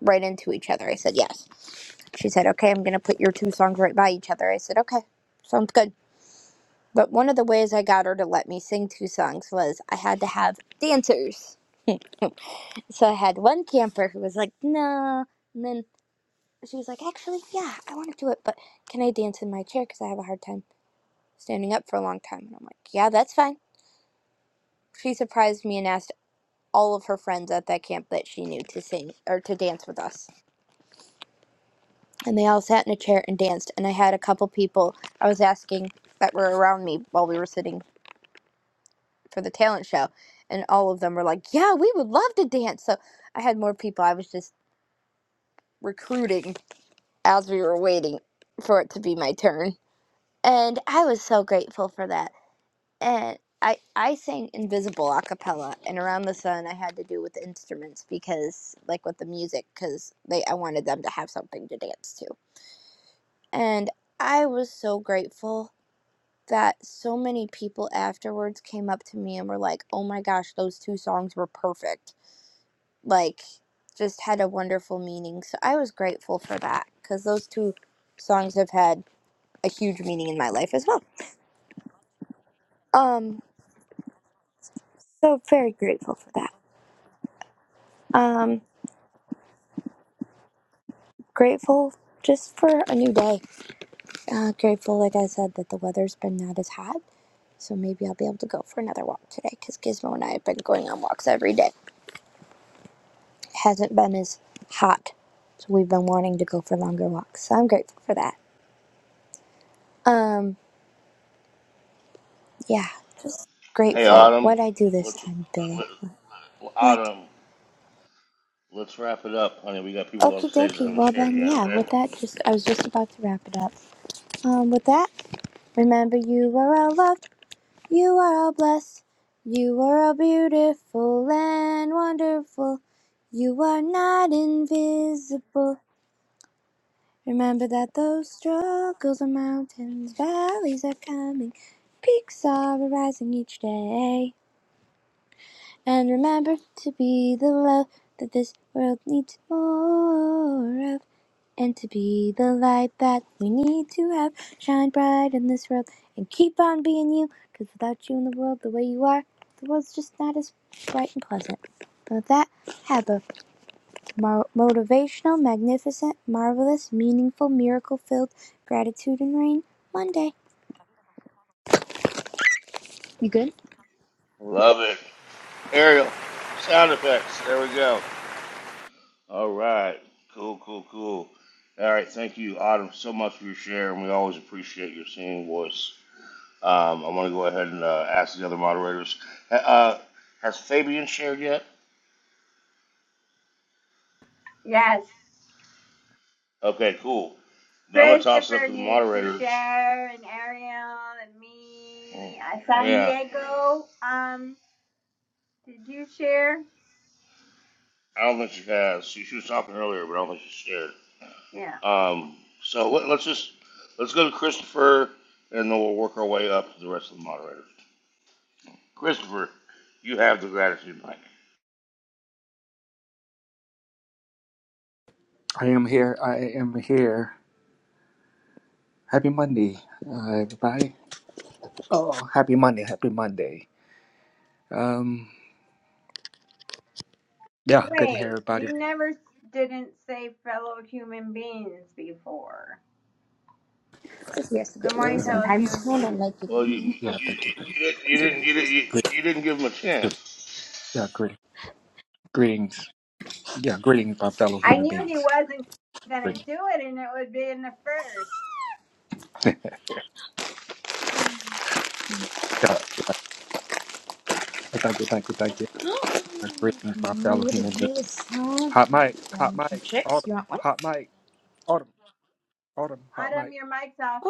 right into each other." I said, "Yes." She said, "Okay, I'm gonna put your two songs right by each other." I said, "Okay, sounds good." But one of the ways I got her to let me sing two songs was I had to have dancers. *laughs* So I had one camper who was like, no. And then she was like, actually, yeah, I want to do it, but can I dance in my chair? Because I have a hard time standing up for a long time. And I'm like, yeah, that's fine. She surprised me and asked all of her friends at that camp that she knew to sing or to dance with us. And they all sat in a chair and danced. And I had a couple people I was asking that were around me while we were sitting for the talent show, and all of them were like, "Yeah, we would love to dance." So I had more people. I was just recruiting as we were waiting for it to be my turn, and I was so grateful for that. And I I sang Invisible a cappella, and Around the Sun I had to do with instruments because like with the music because they I wanted them to have something to dance to, and I was so grateful that so many people afterwards came up to me and were like, "Oh my gosh, those two songs were perfect." like just had a wonderful meaning. So I was grateful for that because those two songs have had a huge meaning in my life as well. Um, so very grateful for that. Um, grateful just for a new day. Uh, grateful, like I said, that the weather's been not as hot. So maybe I'll be able to go for another walk today because Gizmo and I have been going on walks every day. It hasn't been as hot. So we've been wanting to go for longer walks. So I'm grateful for that. Um. Yeah, just Hey, grateful. Autumn. What'd I do this What's, time, Billy? what, What? Autumn? Let's wrap it up, honey. We got people on Okie stage that dokie. haven't Well shared then, yet, yeah. okay? With that, just I was just about to wrap it up. Um, with that, remember you are all loved, you are all blessed, you are all beautiful and wonderful. You are not invisible. Remember that those struggles are mountains, valleys are coming, peaks are arising each day. And remember to be the love that this world needs more of. And to be the light that we need to have. Shine bright in this world and keep on being you. Because without you in the world the way you are, the world's just not as bright and pleasant. But with that, have a mar- motivational, magnificent, marvelous, meaningful, miracle filled gratitude and rain Monday. Love it. Ariel, sound effects. There we go. All right. Cool, cool, cool. All right. Thank you, Autumn, so much for your share, and we always appreciate your singing voice. Um, I want to go ahead and uh, ask the other moderators. Ha- Uh, has Fabian shared yet? Yes. Okay, cool. Now I'm going to toss it up Christopher to the needs to moderators. share, and Ariel, and Oh, me. Uh, San Yeah. Diego, um, did you share? I don't think she has. She, she was talking earlier, but I don't think she shared. Yeah. Um, so let, let's just let's go to Christopher, and then we'll work our way up to the rest of the moderators. Christopher, you have the gratitude mic. I am here. I am here. Happy Monday, uh, everybody. Oh, happy Monday. Happy Monday. Um. Yeah. Good to hear Wait, everybody. you never didn't say fellow human beings before. This has to Good get mean morning, Um. fellow sometimes. human I don't beings. like it. Well, you you, Yeah. you, Thank you. you, didn't, you didn't you didn't you, Great. you didn't give him a chance. Yeah. Great. Greetings. Yeah. Greetings, my fellow I human knew he beings. wasn't gonna Greetings. do it, and it would be in the first. *laughs* But thank you, thank you, thank you. My greetings, my fellow What is human being. this? Huh? is Hot mic, chips. hot mic, autumn, hot mic, autumn, autumn, hot Adam, mic. your mic's off.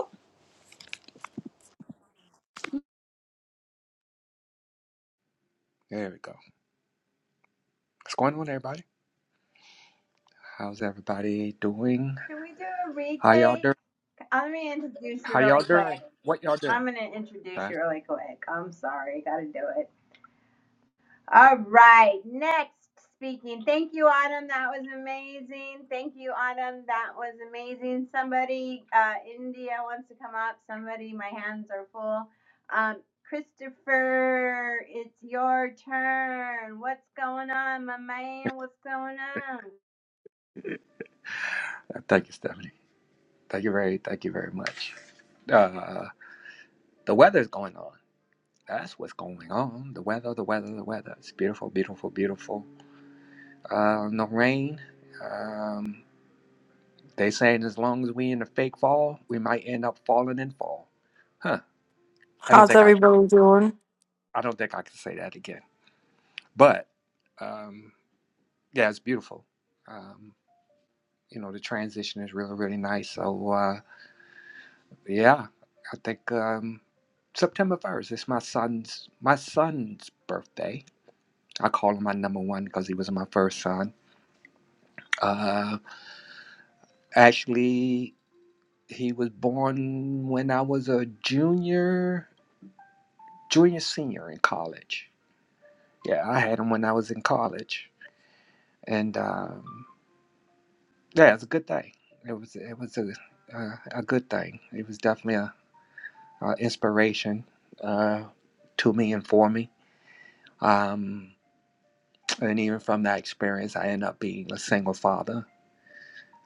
There we go. What's going on, everybody? How's everybody doing? Should we do a How y'all retake? doing? Let me introduce you How y'all really quick. doing? What y'all I'm doing? gonna introduce Huh? you really quick. I'm sorry, gotta do it. All right, next speaking. Thank you, Autumn. That was amazing. Thank you, Autumn. That was amazing. Somebody, uh, India wants to come up. Somebody, my hands are full. Um, Christopher, it's your turn. What's going on, my man? What's going on? Uh, Thank you, Stephanie. Thank you very, thank you very much. Uh, the weather's going on. That's what's going on. The weather, the weather, the weather. It's beautiful, beautiful, beautiful. Uh, no rain. Um, They saying as long as we in the fake fall, we might end up falling in fall. Huh. I don't How's think I everybody doing? I don't think I can say that again. But um yeah, it's beautiful. Um you know, the transition is really really nice. So uh yeah, I think um September 1st is my son's my son's birthday. I call him my number one because he was my first son. Uh actually he was born when I was a junior junior senior in college Yeah, I had them when I was in college, and um, yeah, it's a good thing. It was it was a uh, a good thing. It was definitely a, a inspiration uh, to me and for me. Um, and even from that experience, I ended up being a single father.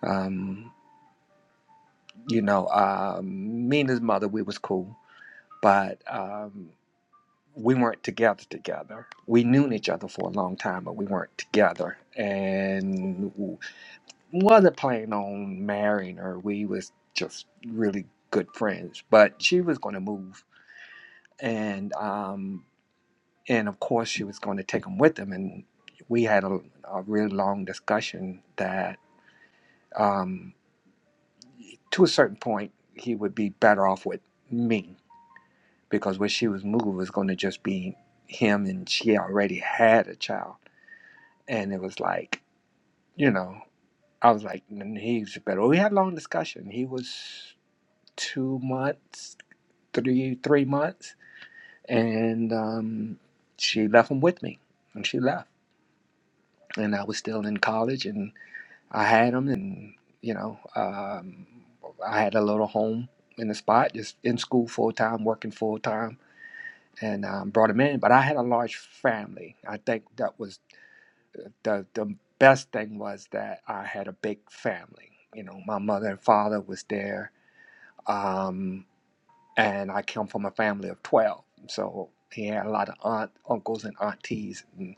Um, you know, um, me and his mother, we was cool, but um, we weren't together together. We knew each other for a long time, but we weren't together, and. wasn't planning on marrying her. We was just really good friends, but she was going to move, and um, and of course she was going to take him with them. And we had a, a really long discussion that, um, to a certain point, he would be better off with me because when she was moved, it was going to just be him, and she already had a child, and it was like, you know, I was like, "N- he's better. We had a long discussion. He was two months three three months, and um, she left him with me, and she left, and I was still in college, and I had him, and you know, um, I had a little home in the spot, just in school full time, working full time, and um, brought him in. But I had a large family. I think that was the the best thing was that I had a big family. You know, my mother and father was there. Um, and I come from a family of 12. So he had a lot of aunt, uncles and aunties, and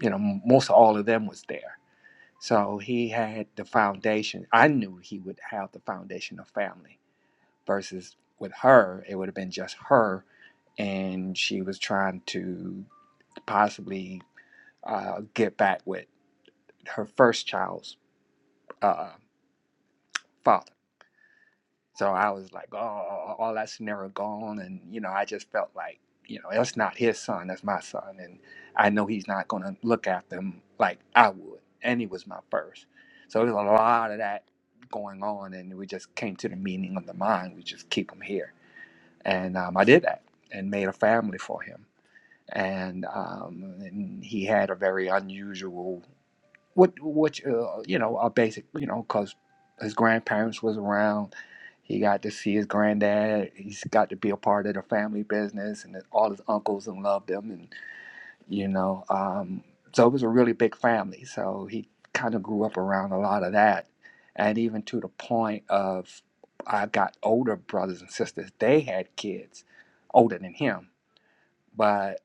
you know, most of all of them was there. So he had the foundation. I knew he would have the foundation of family versus with her, it would have been just her, and she was trying to possibly uh, get back with her first child's uh, father So I was like, oh, all that's never gone. And, you know, I just felt like, you know, that's not his son, that's my son. And I know he's not going to look after him like I would. And he was my first. So there's a lot of that going on. And we just came to the meaning of the mind. We just keep him here. And um, I did that and made a family for him. And, um, and he had a very unusual what which uh, you know are basic you know because his grandparents was around he got to see his granddad he's got to be a part of the family business and all his uncles and loved him and you know um, so it was a really big family so he kind of grew up around a lot of that and even to the point of i got older brothers and sisters they had kids older than him but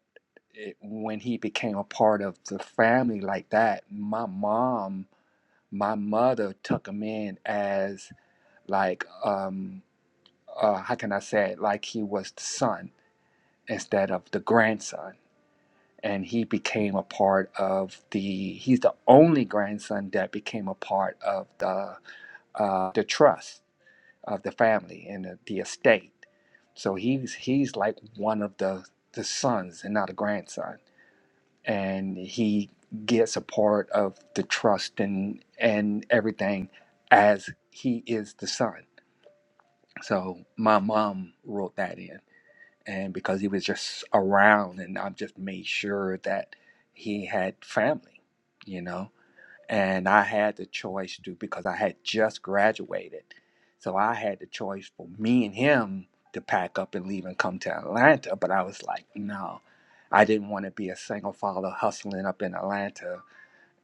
it, when he became a part of the family like that my mom my mother took him in as like um uh how can I say it? Like he was the son instead of the grandson. And he became a part of the he's the only grandson that became a part of the uh the trust of the family and the, the estate. So he's he's like one of the the sons and not a grandson. and he gets a part of the trust and and everything as he is the son so my mom wrote that in and because he was just around and i just made sure that he had family you know and I had the choice to because I had just graduated. So I had the choice for me and him to pack up and leave and come to Atlanta, but I was like, no, I didn't want to be a single father hustling up in Atlanta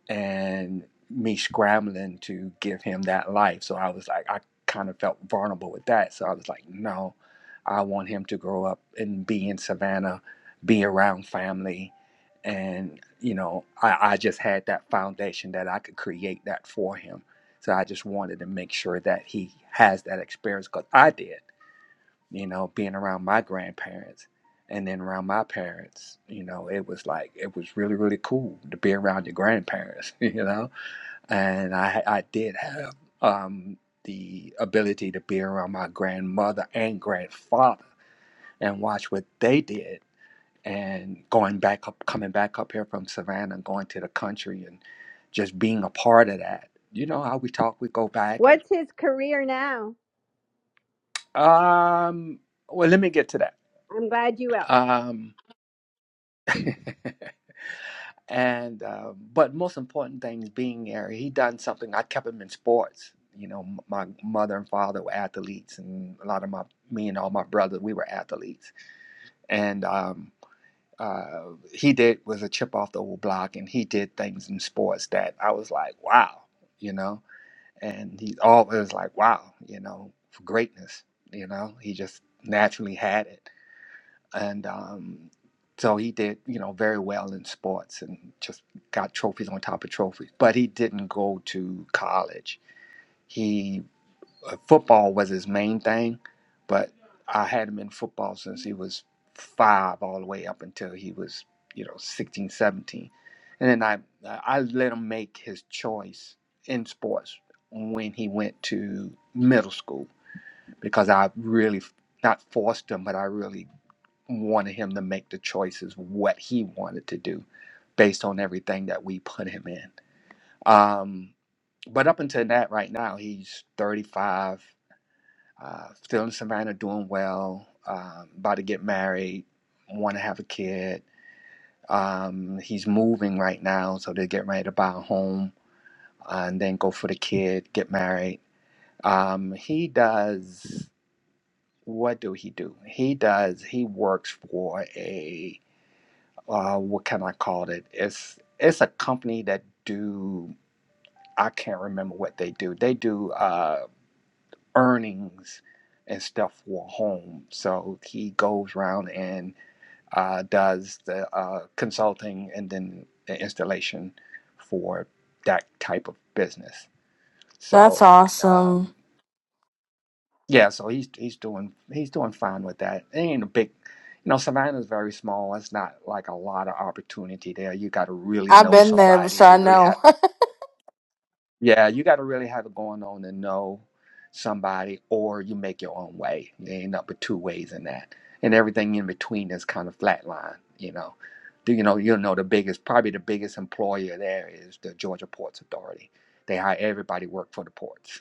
and me scrambling to give him that life. So I was like, I kind of felt vulnerable with that. So I was like, no, I want him to grow up and be in Savannah, be around family. And, you know, I, I just had that foundation that I could create that for him. So I just wanted to make sure that he has that experience because I did you know, being around my grandparents and then around my parents, you know, it was like it was really really cool to be around your grandparents, *laughs* you know. And I I did have um the ability to be around my grandmother and grandfather and watch what they did and going back up coming back up here from Savannah and going to the country and just being a part of that. You know how we talk, we go back and What's his career now? um well let me get to that. I'm glad you will. Um *laughs* and uh, but most important things being there he done something i kept him in sports you know m- my mother and father were athletes and a lot of my me and all my brothers we were athletes and um, uh, he did was a chip off the old block and he did things in sports that i was like wow you know and he always like wow you know for greatness you know he just naturally had it and um, so he did you know very well in sports and just got trophies on top of trophies but he didn't go to college he uh, football was his main thing but i had him in football since he was five all the way up until he was you know 16, 17. and then i uh, i let him make his choice in sports when he went to middle school because i really not forced him but i really wanted him to make the choices what he wanted to do based on everything that we put him in. Um, but up until that, right now he's 35, uh, still in Savannah, doing well, um, about to get married, want to have a kid. Um, he's moving right now, so they're getting ready to buy a home uh, and then go for the kid, get married. Um, he does. What do he do? He does. He works for a uh, what can I call it? It's it's a company that do I can't remember what they do. They do uh, earnings and stuff for home. So he goes around and uh, does the uh, consulting and then the installation for that type of business. That's So awesome. um, Yeah, so he's he's doing he's doing fine with that. It ain't a big, you know, Savannah's very small. It's not like a lot of opportunity there. You got to really I've know been there, so somebody I to really have. know. Yeah, you got to really have it going on to know somebody, or you make your own way. There ain't up but two ways in that, and everything in between is kind of flatline. You know, do you know you know the biggest probably the biggest employer there is the Georgia Ports Authority. They hire everybody to work for the ports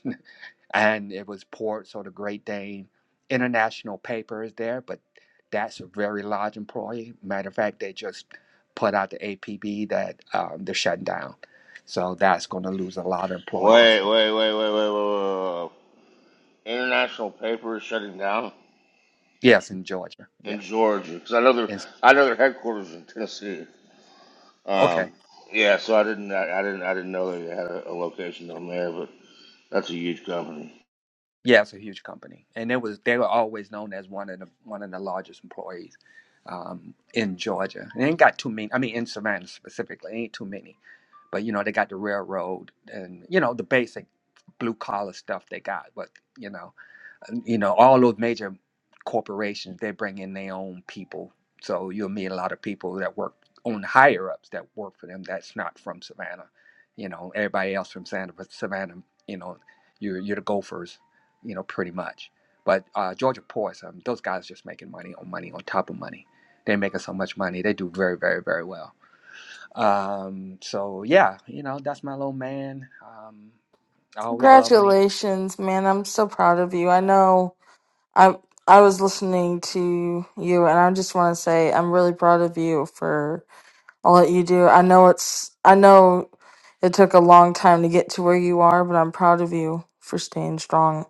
and it was poured. So the Great Dane International paper is there, but that's a very large employee. Matter of fact, they just put out the APB that um, they're shutting down. So that's going to lose a lot of employees. Wait wait wait wait wait wait. wait, International paper is shutting down Yes, in Georgia. in Yes. Georgia because I know their And, I know their headquarters is in Tennessee. Um, okay. yeah, so I didn't I, I didn't I didn't know they had a, a location down there, but that's a huge company. Yeah, it's a huge company, and it was they were always known as one of the one of the largest employees um, in Georgia. And ain't got too many. I mean, in Savannah specifically, ain't too many but you know they got the railroad and you know the basic blue collar stuff they got but you know and, you know all those major corporations they bring in their own people so you'll meet a lot of people that work on higher ups that work for them that's not from savannah you know everybody else from savannah but savannah you know you're, you're the gophers you know pretty much but uh, georgia Poise, um, those guys just making money on money on top of money they're making so much money they do very very very well um, so yeah, you know, that's my little man. Um, I *laughs* always love him. He, Congratulations, man. I'm so proud of you. I know I I was listening to you and I just want to say I'm really proud of you for all that you do. I know it's I know it took a long time to get to where you are, but I'm proud of you for staying strong.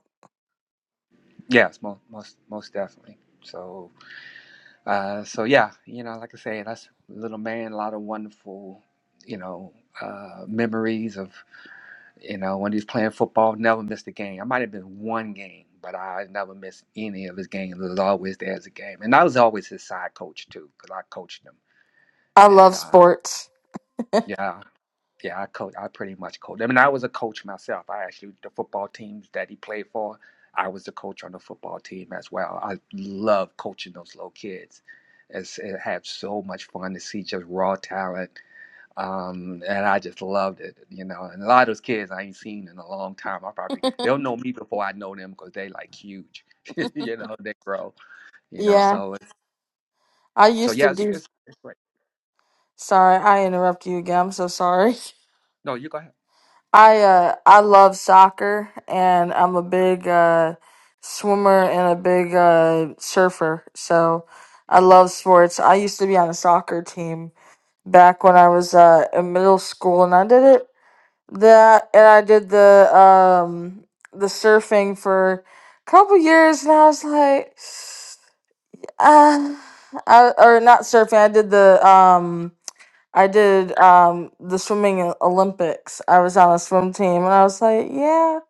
yes, most, most most definitely. So uh, so yeah, you know, like I say, that's little man. A lot of wonderful, you know, uh, memories of you know when he was playing football. Never missed a game. I might have been one game, but I never missed any of his games. It was always there as a game, and I was always his side coach too, because I coached him. I And love uh, sports. yeah, Yeah, I coach. I pretty much coach. I mean, I was a coach myself. I actually the football teams that he played for. I was the coach on the football team as well. I love coaching those little kids. It's, it had so much fun to see just raw talent, um, and I just loved it. You know, and a lot of those kids I ain't seen in a long time. I probably they'll know me before I know them because they like huge. *laughs* you know, they grow. You know, Yeah. so it's, I so used to yeah, it's, do it's, it's great. Sorry, I interrupt you again. I'm so sorry. No, you go ahead. I uh I love soccer and I'm a big uh swimmer and a big uh surfer. So I love sports. I used to be on a soccer team back when I was uh in middle school and I did it that and I did the um the surfing for a couple years and I was like *sighs* uh I or not surfing, I did the um I did um the swimming o- Olympics. I was on a swim team and I was like, yeah.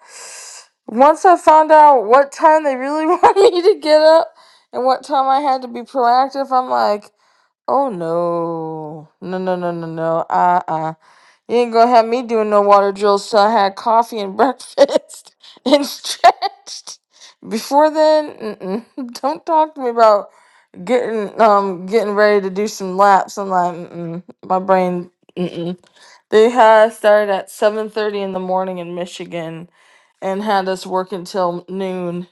Once I found out what time they really *laughs* want me to get up and what time I had to be proactive, I'm like, oh no. No no no no no. Uh uh. You ain't gonna have me doing no water drills till I had coffee and *laughs* breakfast and stretched. Before then, mm-mm. *laughs* don't talk to me about getting um getting ready to do some laps. I'm like, mm-mm. my brain. Mm-mm. They had started at seven thirty in the morning in Michigan and had us work until noon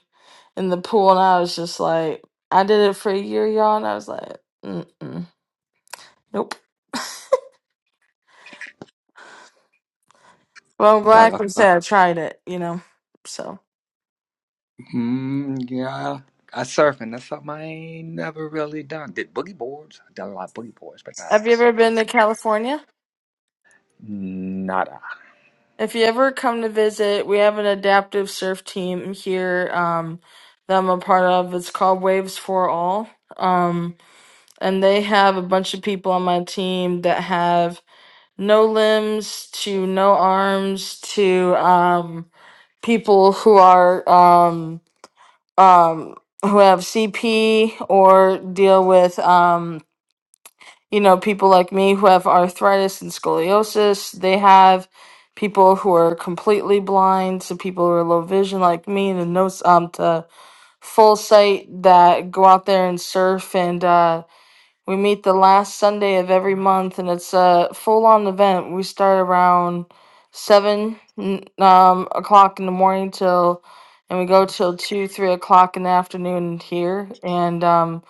in the pool, and I was just like, I did it for a year, y'all, and I was like, mm-mm. nope. Well, I'm glad Yeah, I that's can fine. say I tried it. You know, so Mm, yeah, I surfing. That's something I ain't never really done. Did boogie boards. I done a lot of boogie boards, but not have you ever surfing. been to California? Nada. If you ever come to visit, we have an adaptive surf team here um, that I'm a part of. It's called Waves for All. Um, and they have a bunch of people on my team that have no limbs to no arms to um, people who are um, um, who have CP or deal with um, you know people like me who have arthritis and scoliosis. They have people who are completely blind, so people who are low vision like me, and no um to full sight that go out there and surf and. Uh, we meet the last Sunday of every month, and it's a full-on event. We start around seven n- um, o'clock in the morning till, and we go till two, three o'clock in the afternoon here. And um,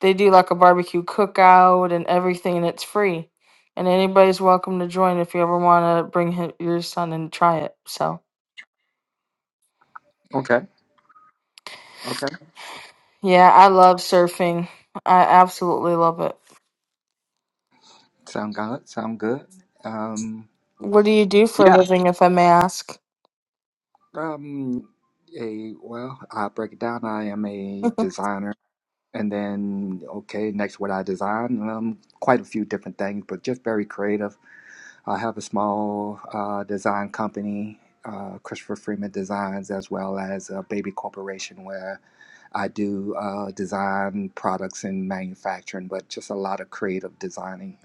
they do like a barbecue cookout and everything, and it's free. And anybody's welcome to join if you ever want to bring hi- your son and try it. So, Okay. Okay. yeah, I love surfing. I absolutely love it. Sound good. Sound good. Um. What do you do for a Yeah. living, if I may ask? Um. A well, I break it down. I am a *laughs* designer, and then okay, next what I design. Um, quite a few different things, but just very creative I have a small uh, design company, uh, Christopher Freeman Designs, as well as a baby corporation where I do uh, design products and manufacturing, but just a lot of creative designing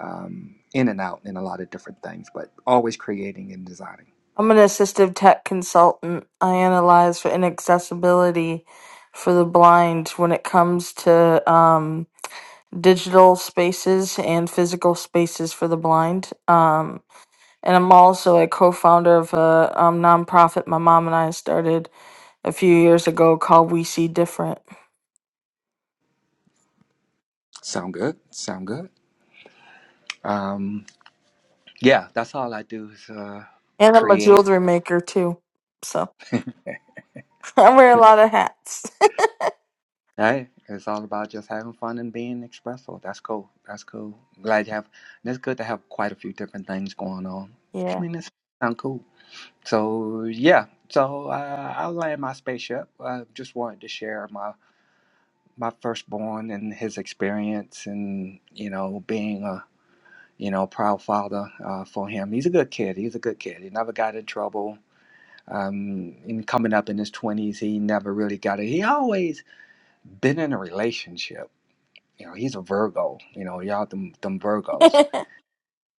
um, in and out in a lot of different things, but always creating and designing. I'm an assistive tech consultant. I analyze for inaccessibility for the blind when it comes to um, digital spaces and physical spaces for the blind. Um, and I'm also a co-founder of a um, nonprofit my mom and I started a few years ago called We See Different. Sound good? Sound good? Um, yeah, that's all I do is uh, And I'm a create. jewelry maker too. So *laughs* I wear a lot of hats. *laughs* Hey, it's all about just having fun and being expressive. That's cool. That's cool. Glad you have. And it's good to have quite a few different things going on. I Yeah. mean, it's sound cool. So yeah. So uh, I land my spaceship. I just wanted to share my my firstborn and his experience, and you know, being a you know proud father uh, for him. He's a good kid. He's a good kid. He never got in trouble. Um, and coming up in his twenties, he never really got it. He always been in a relationship you know he's a virgo you know y'all them, them virgos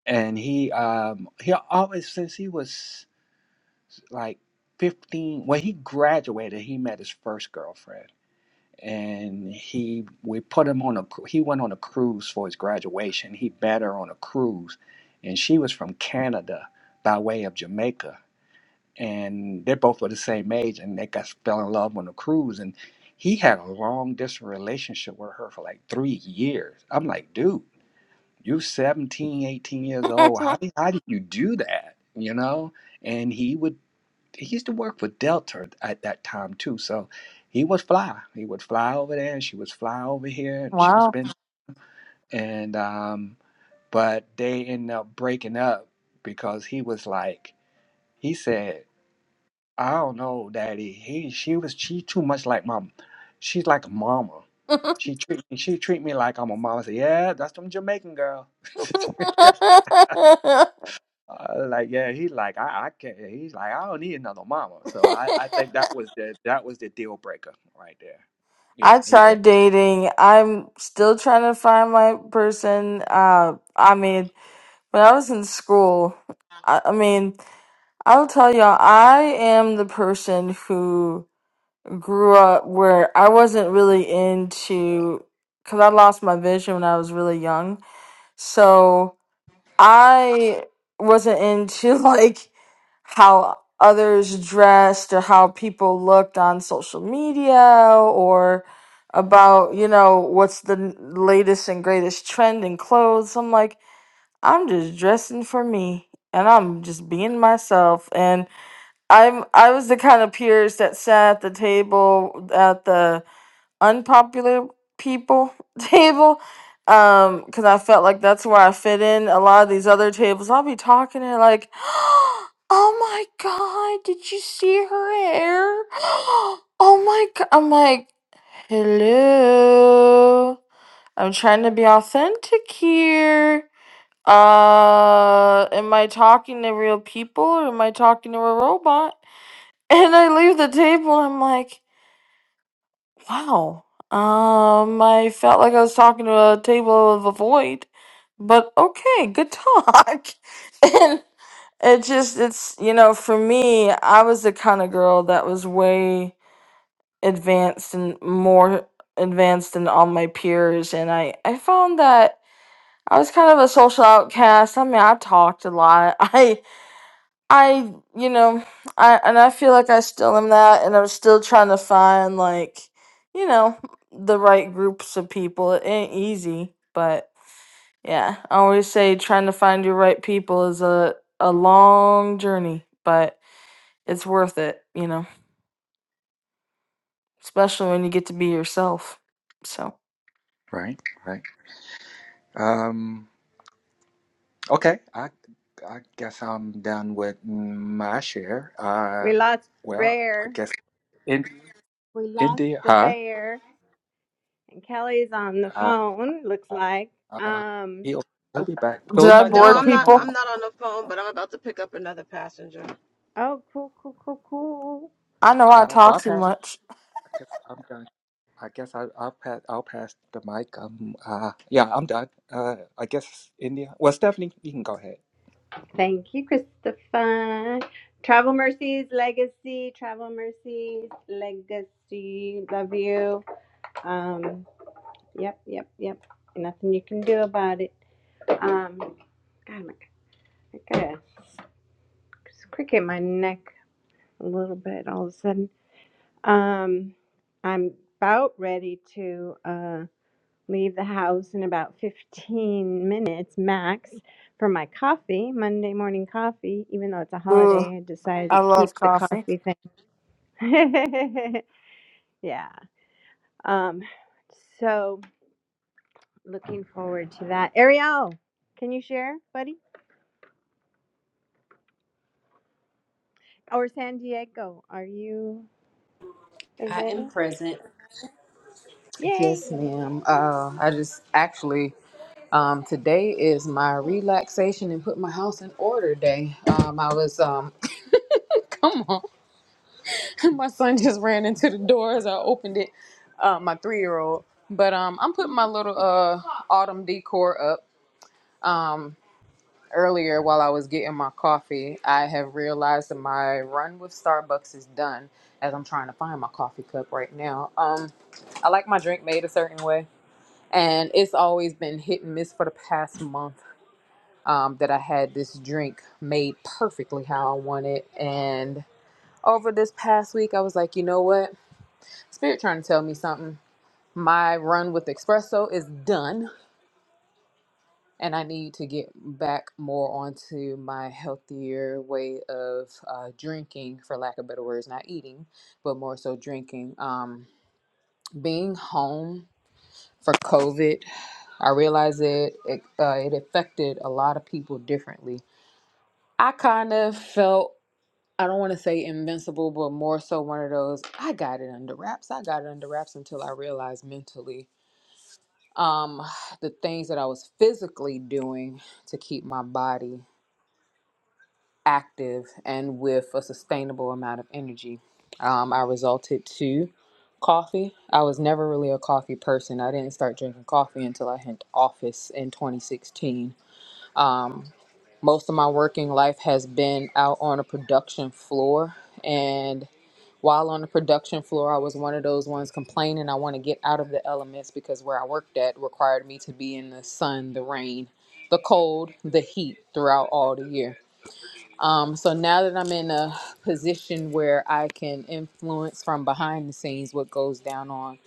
and he um he always since he was like 15 when he graduated he met his first girlfriend and he we put him on a cru- he went on a cruise for his graduation he met her on a cruise and she was from canada by way of jamaica and they both were the same age and they got fell in love on the cruise and he had a long distance relationship with her for like three years i'm like dude you're seventeen, eighteen years old how, how did you do that you know and he would he used to work for delta at that time too so he would fly he would fly over there and she would fly over here *laughs* and she would wow. spend and um but they ended up breaking up because he was like he said i don't know daddy he she was she too much like my she's like a mama she treat me she treat me like i'm a mama I said yeah that's them jamaican girl *laughs* Uh, like yeah, he's like I, I can't. He's like I don't need another mama. So I, I *laughs* think that was the that was the deal breaker right there. Yeah, I he said. tried dating. I'm still trying to find my person. Uh, I mean, when I was in school, I, I mean, I'll tell y'all, I am the person who grew up where I wasn't really into, because I lost my vision when I was really young. So. I wasn't into *laughs* like how others dressed or how people looked on social media or about, you know, what's the n- latest and greatest trend in clothes. I'm like, I'm just dressing for me and I'm just being myself and I'm I was the kind of peers that sat at the table at the unpopular people *laughs* table um because i felt like that's where i fit in a lot of these other tables i'll be talking and like *gasps* oh my god did you see her hair *gasps* oh my god i'm like hello i'm trying to be authentic here uh am i talking to real people or am i talking to a robot *laughs* and i leave the table and i'm like Wow. Um, I felt like I was talking to a table of a void, but okay, good talk. *laughs* and it just, it's, you know, for me, I was the kind of girl that was way advanced and more advanced than all my peers. And I, I found that I was kind of a social outcast. I mean, I talked a lot. *laughs* I. I, you know, I and I feel like I still am that, and I'm still trying to find like, you know, the right groups of people. It ain't easy, but yeah, I always say trying to find your right people is a a long journey, but it's worth it, you know, especially when you get to be yourself. So, Right, right. Um, okay, I I guess I'm done with my share. Uh, We lost well, I Bear. guess in We lost India, the huh? bear, and Kelly's on the Uh, phone. Looks like. uh, Um. he'll he'll be back. So did we I might just No, bore go I'm ahead not. people? I'm on. not on the phone, but I'm about to pick up another passenger. Oh, cool, cool, cool, cool. I know I Uh, so I talk too pass much. I guess I'm done. I guess I, I'll pass. I'll pass the mic. Um. Uh. Yeah, I'm done. Uh. I guess India. Well, Stephanie, you can go ahead. Thank you, Christopher. Travel Mercies Legacy, Travel Mercies Legacy. Love you. Um, yep, yep, yep. Nothing you can do about it. Um, God, my, I gotta crick in my neck a little bit all of a sudden. Um, I'm about ready to. Uh, leave the house in about 15 minutes max for my coffee, Monday morning coffee. Even though it's a Ooh, holiday, I decided I to keep love the coffee. coffee thing. *laughs* yeah. Um, so looking forward to that. Ariel, can you share, buddy? Or San Diego, are you I am available? present. Yay! Yes, ma'am. Uh, I just actually um, today is my relaxation and put my house in order day. Um, I was um, *clears throat* My son just ran into the door as I opened it. Uh, my three year old. But um, I'm putting my little uh autumn decor up. Um, earlier while I was getting my coffee, I have realized that my run with Starbucks is done. As I'm trying to find my coffee cup right now. Um, I like my drink made a certain way, and it's always been hit and miss for the past month. Um, that I had this drink made perfectly how I want it, and over this past week, I was like, you know what? Spirit trying to tell me something. My run with espresso is done, and I need to get back more onto my healthier way of uh, drinking, for lack of better words, not eating, but more so drinking. Um, being home for COVID, I realize it it, uh, it affected a lot of people differently. I kind of felt I don't want to say invincible, but more so one of those I got it under wraps. I got it under wraps until I realized mentally. um, *sighs* the things that I was physically doing to keep my body active and with a sustainable amount of energy. Um, I resulted to coffee. I was never really a coffee person. I didn't start drinking coffee until I hit office in 2016. Um, most of my working life has been out on a production floor, and while on the production floor, I was one of those ones complaining I want to get out of the elements because where I worked at required me to be in the sun, the rain, the cold, the heat throughout all the year. Um, so now that I'm in a position where I can influence from behind the scenes what goes down on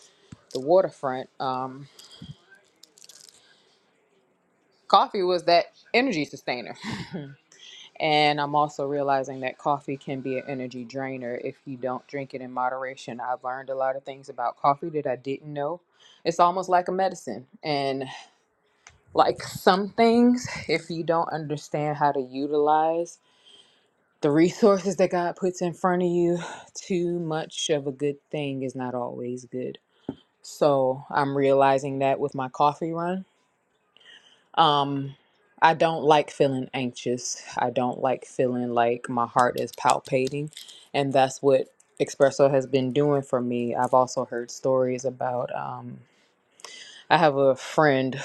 the waterfront, um, coffee was that energy sustainer. *laughs* And I'm also realizing that coffee can be an energy drainer if you don't drink it in moderation. I've learned a lot of things about coffee that I didn't know. It's almost like a medicine. And like some things, if you don't understand how to utilize the resources that God puts in front of you, too much of a good thing is not always good. So I'm realizing that with my coffee run. Um, I don't like feeling anxious. I don't like feeling like my heart is palpating. And that's what Espresso has been doing for me. I've also heard stories about, um, I have a friend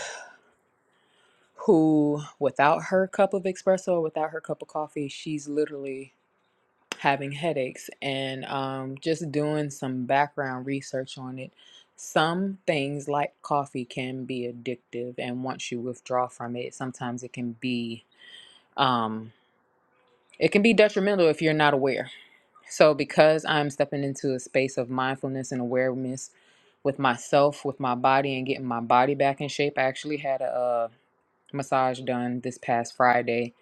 who, without her cup of espresso, without her cup of coffee, she's literally having headaches. And um, just doing some background research on it, some things like coffee can be addictive. And once you withdraw from it, sometimes it can be um, it can be detrimental if you're not aware. So, because I'm stepping into a space of mindfulness and awareness with myself, with my body, and getting my body back in shape, I actually had a, uh massage done this past Friday.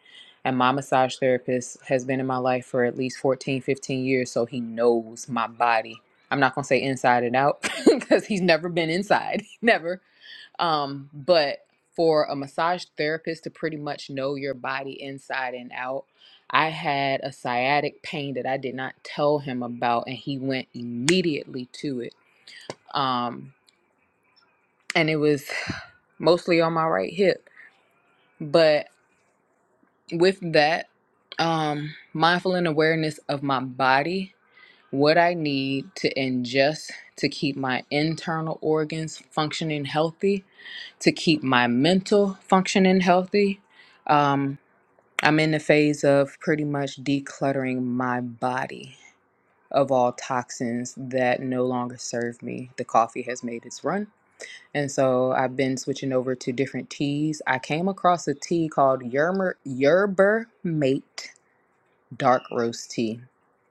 And my massage therapist has been in my life for at least 14, 15 years. So, he knows my body. I'm not going to say inside and out *laughs* because he's never been inside, *laughs* never um, but for a massage therapist to pretty much know your body inside and out, I had a sciatic pain that I did not tell him about, and he went immediately to it. Um, and it was *sighs* mostly on my right hip. But with that, um, mindful and awareness of my body, what I need to ingest to keep my internal organs functioning healthy to keep my mental functioning healthy. Um, I'm in the phase of pretty much decluttering my body of all toxins that no longer serve me. The coffee has made its run. And so I've been switching over to different teas. I came across a tea called Yermer, Yerber Mate Dark Roast Tea.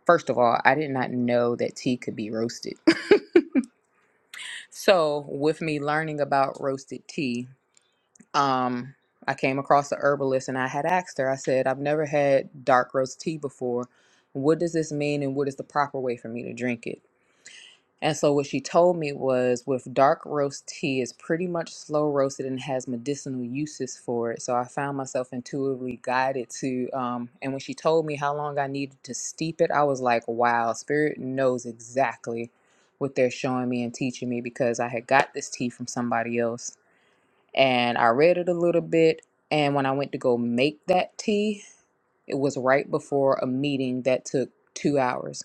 First of all, I did not know that tea could be roasted. *laughs* so, with me learning about roasted tea, um, I came across a herbalist and I had asked her, I said, I've never had dark roast tea before. What does this mean and what is the proper way for me to drink it? And so what she told me was with dark roast tea is pretty much slow roasted and has medicinal uses for it. So I found myself intuitively guided to um and when she told me how long I needed to steep it, I was like, wow, spirit knows exactly what they're showing me and teaching me because I had got this tea from somebody else and I read it a little bit. And when I went to go make that tea, it was right before a meeting that took two hours.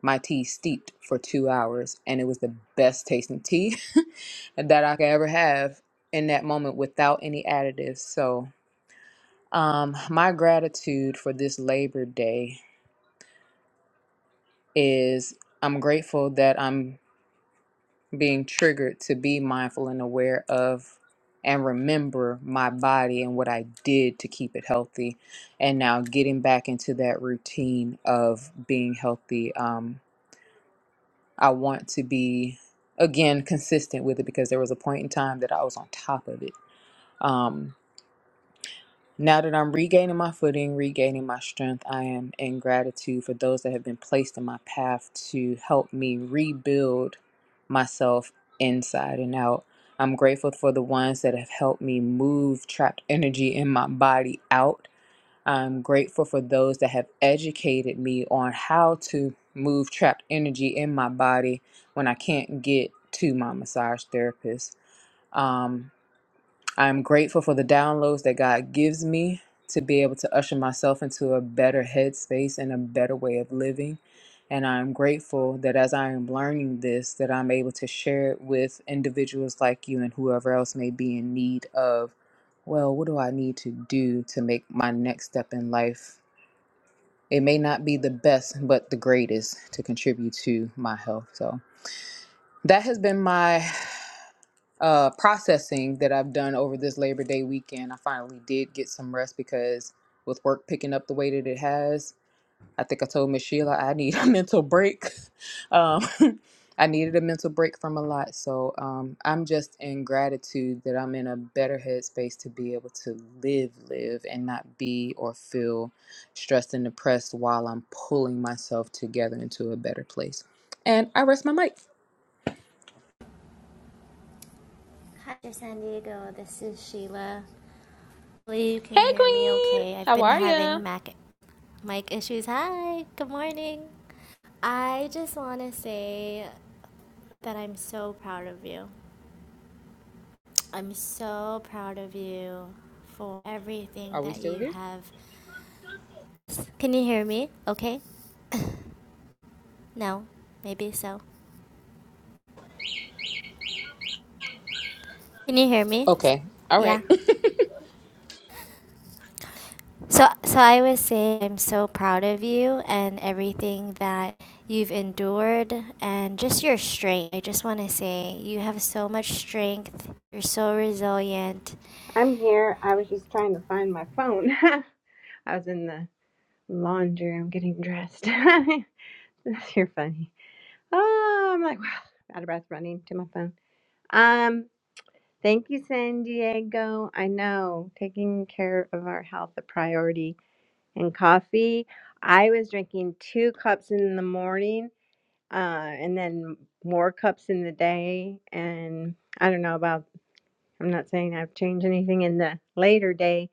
My tea steeped for two hours, and it was the best tasting tea *laughs* that I could ever have in that moment without any additives. So, um, my gratitude for this Labor Day is I'm grateful that I'm being triggered to be mindful and aware of and remember my body and what I did to keep it healthy. And now getting back into that routine of being healthy. Um, I want to be, again, consistent with it because there was a point in time that I was on top of it. Um, now that I'm regaining my footing, regaining my strength, I am in gratitude for those that have been placed in my path to help me rebuild myself inside and out. I'm grateful for the ones that have helped me move trapped energy in my body out. I'm grateful for those that have educated me on how to move trapped energy in my body when I can't get to my massage therapist. Um, I'm grateful for the downloads that God gives me to be able to usher myself into a better headspace and a better way of living. And I'm grateful that as I am learning this, that I'm able to share it with individuals like you and whoever else may be in need of, well, what do I need to do to make my next step in life? It may not be the best, but the greatest to contribute to my health. So that has been my uh, processing that I've done over this Labor Day weekend. I finally did get some rest because with work picking up the way that it has, I think I told Miss Sheila I need *laughs* a mental break. Um, *laughs* I needed a mental break from a lot. So um, I'm just in gratitude that I'm in a better headspace to be able to live, live, and not be or feel stressed and depressed while I'm pulling myself together into a better place. And I rest my mic. Hi, San Diego. This is Sheila. Hopefully, you can hear me okay. I've been having Are Mac mic issues. Hi, good morning. I just want to say that I'm so proud of you. I'm so proud of you for everything we that still you here? have. Can you hear me? Okay? No? Maybe so. Can you hear me? Okay. All right. Yeah. So, so I would say I'm so proud of you and everything that you've endured and just your strength. I just want to say you have so much strength. You're so resilient. I'm here. I was just trying to find my phone. *laughs* I was in the laundry room getting dressed. *laughs* You're funny. Oh, I'm like *sighs* wow, out of breath running to my phone. Um, thank you, San Diego. I know taking care of our health a priority. And coffee, I was drinking two cups in the morning, uh, and then more cups in the day. And I don't know about. I'm not saying I've changed anything in the later day.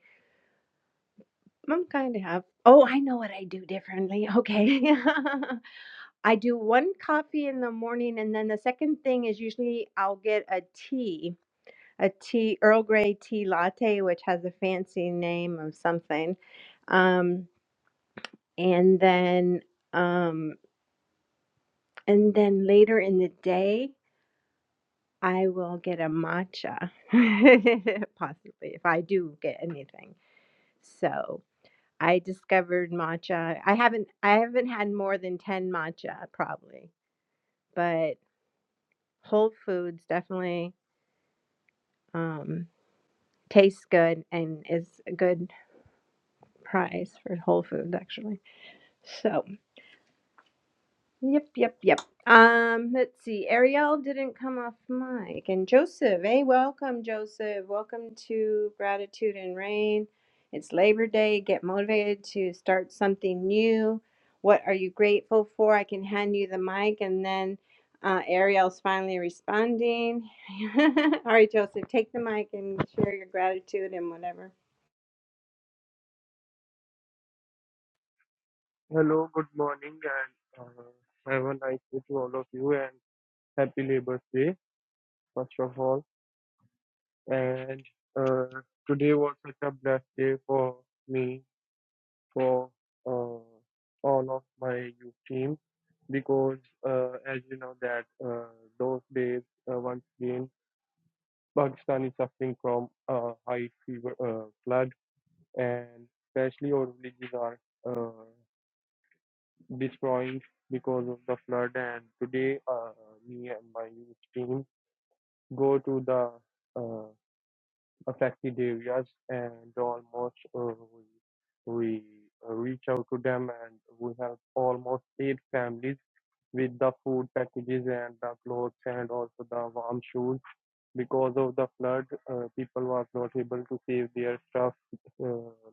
I'm kind of have. Oh, I know what I do differently. Okay. *laughs* I do one coffee in the morning, and then the second thing is usually I'll get a tea, a tea, Earl Grey tea latte, which has a fancy name of something. Um, and then, um, and then later in the day, I will get a matcha, *laughs* possibly if I do get anything. So I discovered matcha. I haven't, I haven't had more than ten matcha probably, but Whole Foods definitely um, tastes good and is a good price for Whole Foods actually. So yep, yep, yep. Um, let's see. Ariel didn't come off mic, and Joseph. Hey, welcome, Joseph. Welcome to Gratitude and Rain. It's Labor Day. Get motivated to start something new. What are you grateful for? I can hand you the mic, and then uh, Ariel's finally responding. *laughs* All right, Joseph, take the mic and share your gratitude and whatever. Hello, good morning, and uh, have a nice day to all of you, and happy Labour Day, first of all. And uh, today was such a blessed day for me, for uh, all of my youth team, because uh, as you know that uh, those days, uh, once again, Pakistan is suffering from uh, high fever uh, flood, and especially our villages are. Uh, destroyed because of the flood. And today, uh, me and my youth team go to the uh, affected areas and almost uh, we, we uh, reach out to them and we have almost eight families with the food packages and the clothes and also the warm shoes. Because of the flood, uh, people was not able to save their stuff uh,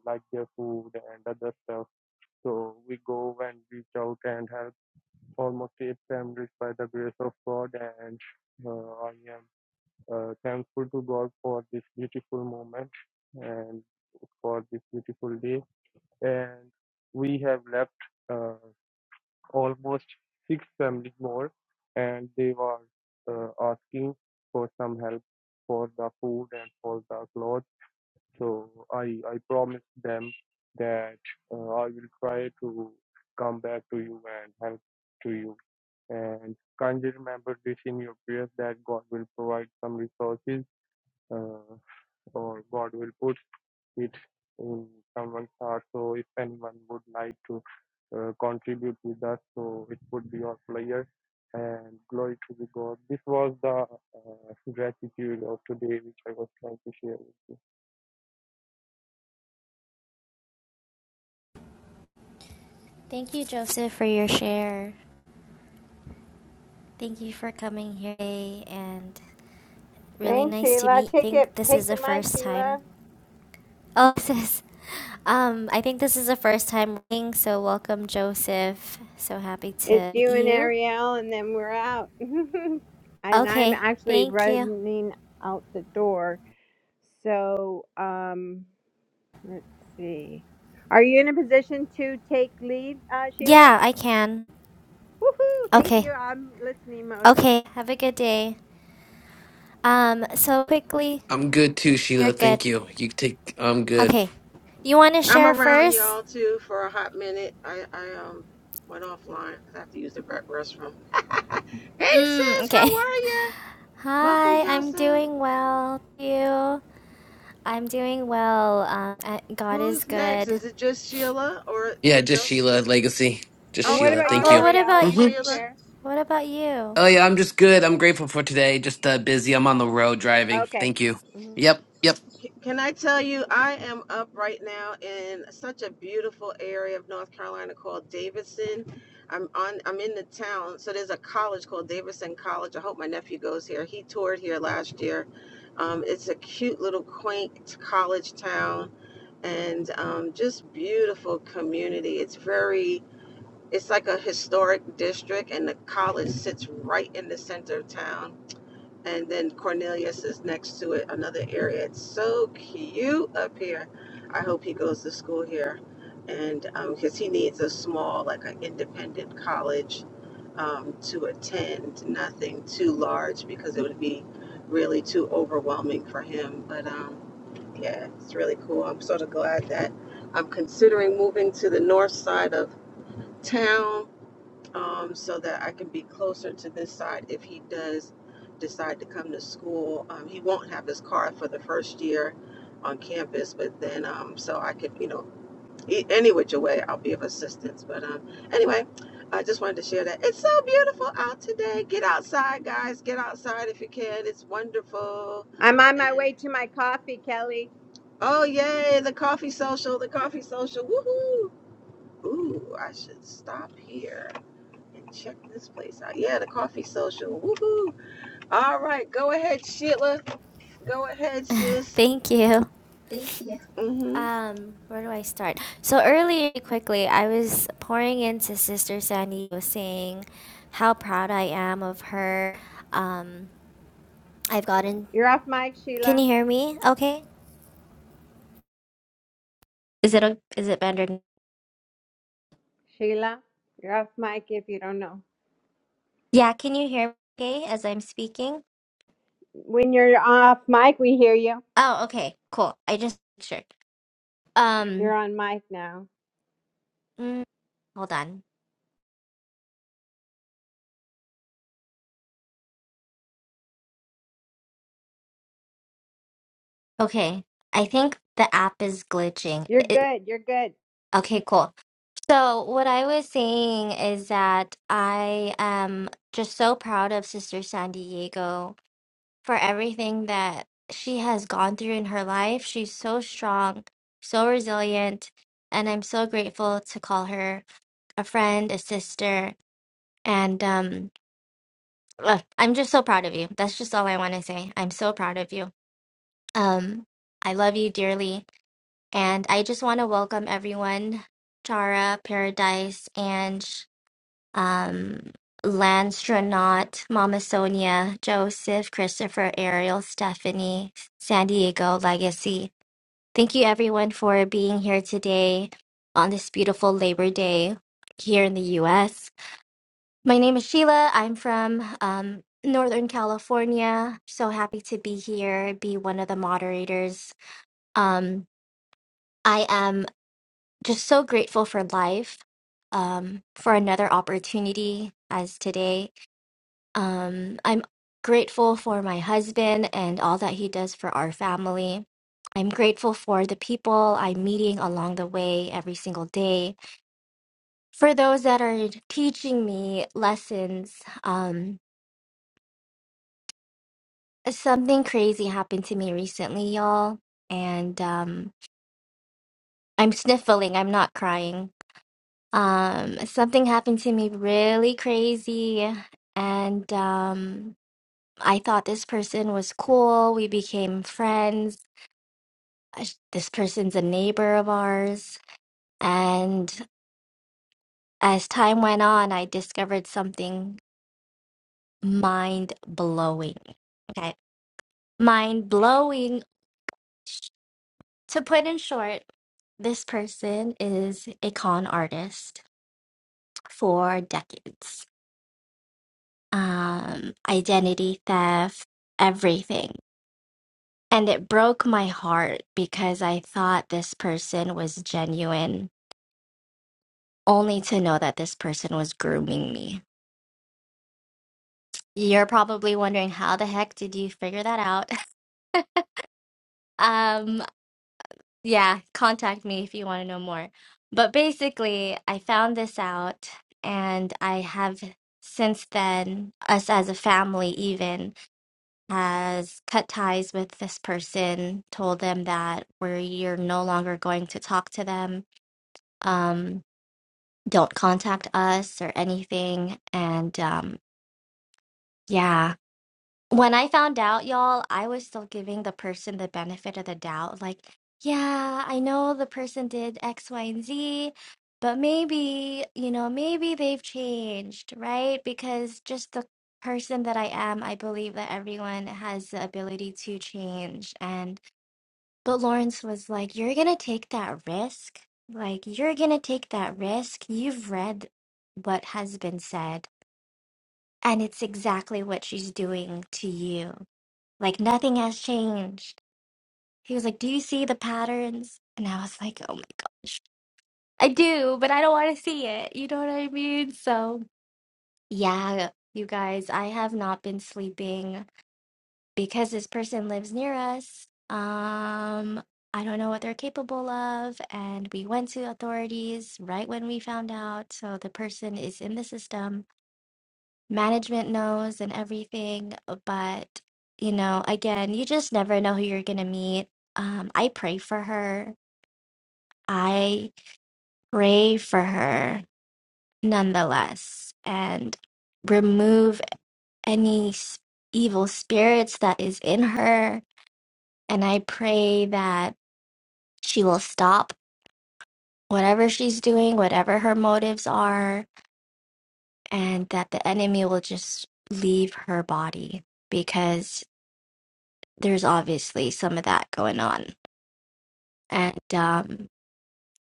like their food and other stuff. So we go and reach out and help almost eight families by the grace of God, and uh, I am uh, thankful to God for this beautiful moment and for this beautiful day. And we have left uh, almost six families more, and they were uh, asking for some help for the food and for the clothes so I I promised them that uh, I will try to come back to you and help to you. And kindly remember this in your prayers that God will provide some resources uh, or God will put it in someone's heart. So if anyone would like to uh, contribute with us, so it would be our pleasure. And glory to the God. This was the uh, gratitude of today, which I was trying to share with you. Thank you, Joseph, for your share. Thank you for coming here today and really Thanks, nice to Sheila. meet. I Take it. think this is Take the the mic, first time. Sheila. Oh, *laughs* this is, um, I think this is the first time meeting, so welcome, Joseph. So happy It's to meet you and you. Ariel, and then we're out. *laughs* and I'm Okay, actually thank you. running out the door. So, um, let's see. Are you in a position to take lead, uh, Sheila? Yeah, I can. Woohoo! Thank Okay. you. I'm listening mode. Okay. Have a good day. Um, so quickly, I'm good too, you're Sheila. good. Thank you. You take. I'm good. Okay. You want to I'm share around first? y'all too for a hot minute. I I um went offline. 'cause I have to use the re- restroom. *laughs* hey Mm, sis, how okay. are you? *laughs* Welcome, Hi, I'm Joseph. doing well. Thank You? I'm doing well. Um, I- God is Who's next? good. Is it just Sheila or the Yeah, just Joseph? Sheila Legacy. Just And what Okay, Sheila. about Thank you, Well, you. what awesome, Ariel? about You you? hmm didn't Sheila. share. What about you? Oh yeah, I'm just good. I'm grateful for today. Just uh, busy. I'm on the road driving. Okay. Thank you. Mhm. Yep. Yep. Can I tell you, I am up right now in such a beautiful area of North Carolina called Davidson. I'm on. I'm in the town, so there's a college called Davidson College. I hope my nephew goes here. He toured here last year. Um, it's a cute little quaint college town, and um, just beautiful community. It's very. It's like a historic district, and the college sits right in the center of town and then Cornelius is next to it, another area. It's so cute up here. I hope he goes to school here, and because he needs a small, like an independent college um, to attend, nothing too large because it would be really too overwhelming for him. But um, yeah, it's really cool. I'm sort of glad that I'm considering moving to the north side of town um, so that I can be closer to this side if he does decide to come to school. Um, he won't have his car for the first year on campus, but then um, so I could, you know, e- any which way, I'll be of assistance. But um, anyway, I just wanted to share that it's so beautiful out today. Get outside, guys. Get outside if you can. It's wonderful. I'm on my And way to my coffee, Kelly. oh yay, the coffee social, the coffee social. Woohoo! Ooh, I should stop here. And check this place out. Yeah, the coffee social. Woohoo. All right. Go ahead, Sheila. Go ahead, sis. Thank you. Mm-hmm. Um, where do I start? So earlier, quickly, I was pouring into Sister Sandy, was saying how proud I am of her. Um, I've gotten You're off mic, Can you Sheila. hear me? Okay. Is it o- is it better? n- Sheila, you're off mic if you don't know. Yeah, can you hear me okay as I'm speaking? When you're off mic, we hear you. Oh, okay. Cool. I just sure. You're Um, on mic now. mm, hold on. Okay. I think the app is glitching. You're It, good. You're good. okay, cool. So, what I was saying is that I am just so proud of Sister San Diego for everything that she has gone through in her life. She's so strong, so resilient, and I'm so grateful to call her a friend, a sister, and um, ugh, I'm just so proud of you. That's just all I want to say. I'm so proud of you. Um, I love you dearly, and I just want to welcome everyone, Chara, Paradise, Ange, um, Landstronaut, Mama Sonia, Joseph, Christopher, Ariel, Stephanie, San Diego, Legacy. Thank you, everyone, for being here today on this beautiful Labor Day here in the U.S. My name is Sheila. I'm from um, Northern California. So happy to be here, be one of the moderators. Um, I am just so grateful for life, um, for another opportunity as today. Um, I'm grateful for my husband and all that he does for our family. I'm grateful for the people I'm meeting along the way every single day, for those that are teaching me lessons. Um, Something crazy happened to me recently, y'all, and um I'm sniffling, I'm not crying. Um something happened to me really crazy and um I thought this person was cool. We became friends. Uh, sh- This person's a neighbor of ours, and as time went on, I discovered something mind-blowing. Okay. Mind-blowing To put in short, this person is a con artist for decades. Um, identity theft, everything. And it broke my heart because I thought this person was genuine, only to know that this person was grooming me. You're probably wondering how the heck did you figure that out? *laughs* Um, Yeah, contact me if you want to know more. But basically, I found this out, and I have since then, us as a family even has cut ties with this person, told them that we're you're no longer going to talk to them. Um, don't contact us or anything. And um, yeah, When I found out, y'all, I was still giving the person the benefit of the doubt. Like, yeah, I know the person did X, Y, and Z, but maybe, you know, maybe they've changed, right? Because just the person that I am, I believe that everyone has the ability to change. And, but Lawrence was like, you're gonna take that risk. Like, you're gonna take that risk. You've read what has been said, and it's exactly what she's doing to you. Like nothing has changed. He was like, Do you see the patterns? And I was like, Oh my gosh. I do, but I don't want to see it. You know what I mean? So, yeah, you guys, I have not been sleeping because this person lives near us. Um, I don't know what they're capable of. And we went to authorities right when we found out. So the person is in the system management knows and everything. But, you know, again, you just never know who you're going to meet. Um, I pray for her. I pray for her nonetheless and remove any s- evil spirits that is in her. And I pray that she will stop whatever she's doing, whatever her motives are, and that the enemy will just leave her body because. there's obviously some of that going on and um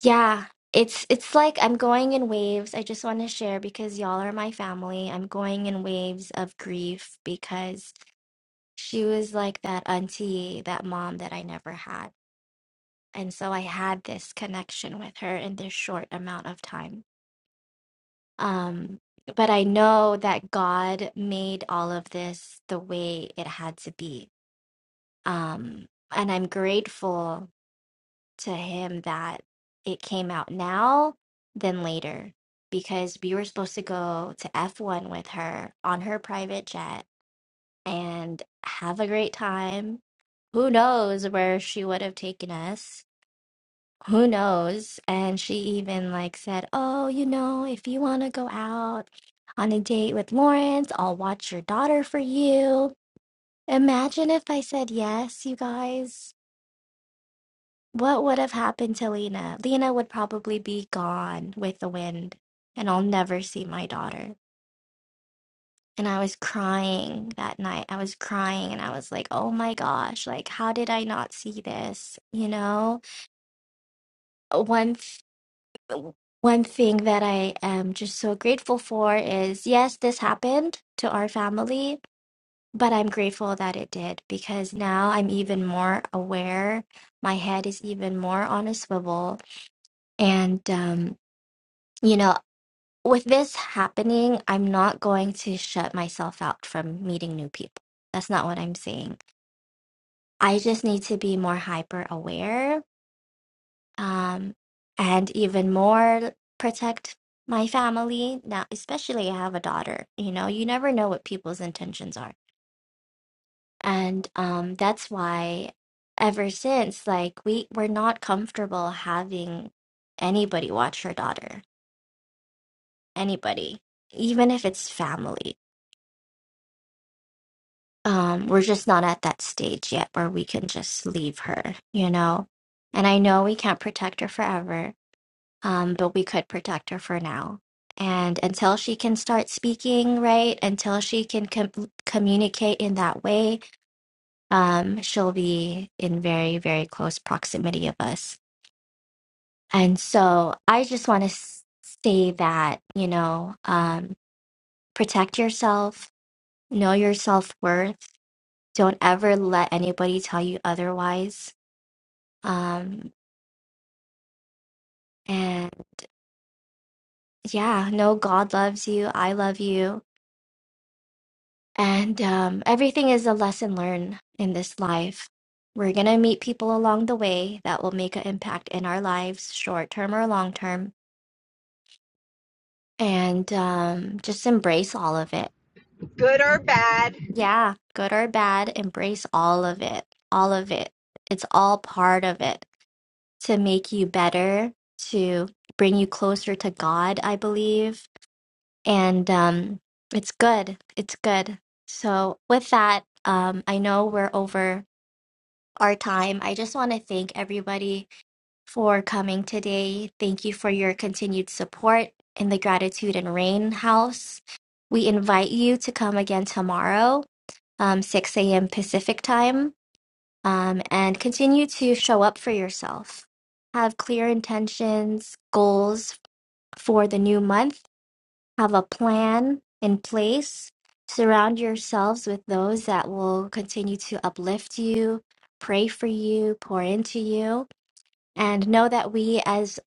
yeah it's it's like i'm going in waves i just want to share because y'all are my family i'm going in waves of grief because she was like that auntie that mom that i never had and so i had this connection with her in this short amount of time um but i know that god made all of this the way it had to be um and i'm grateful to him that it came out now than later because we were supposed to go to F1 with her on her private jet and have a great time. Who knows where she would have taken us? Who knows? And she even like said, "Oh, you know, if you want to go out on a date with Lawrence, I'll watch your daughter for you." Imagine if I said yes, you guys. What would have happened to Lena? Lena would probably be gone with the wind, and I'll never see my daughter. And I was crying that night. I was crying and I was like, oh my gosh, like, how did I not see this? You know, one, th- one thing that I am just so grateful for is yes, this happened to our family, but I'm grateful that it did because now I'm even more aware. My head is even more on a swivel. And, um, you know, with this happening, I'm not going to shut myself out from meeting new people. That's not what I'm saying. I just need to be more hyper aware um, and even more protect my family now, especially I have a daughter. You know, you never know what people's intentions are. And um, that's why ever since, like, we, we're not comfortable having anybody watch her daughter, anybody, even if it's family um, we're just not at that stage yet where we can just leave her, you know? And I know we can't protect her forever, um, but we could protect her for now. And until she can start speaking, right? Until she can com- communicate in that way, um, she'll be in very, very close proximity of us. And so I just want to say that, you know, um, protect yourself, know your self worth Don't ever let anybody tell you otherwise. Um, and yeah, no, God loves you. I love you. And um, everything is a lesson learned in this life. We're going to meet people along the way that will make an impact in our lives, short term or long term. And um, just embrace all of it. good or bad. Yeah, good or bad, embrace all of it. All of it. It's all part of it to make you better, to bring you closer to God, I believe. And um, it's good. It's good. So, with that, um, I know we're over our time. I just want to thank everybody for coming today. Thank you for your continued support in the Gratitude and Rain House. We invite you to come again tomorrow, um, 6 a.m. Pacific time um, and continue to show up for yourself. Have clear intentions, goals for the new month, have a plan in place. Surround yourselves with those that will continue to uplift you, pray for you, pour into you, and know that we, as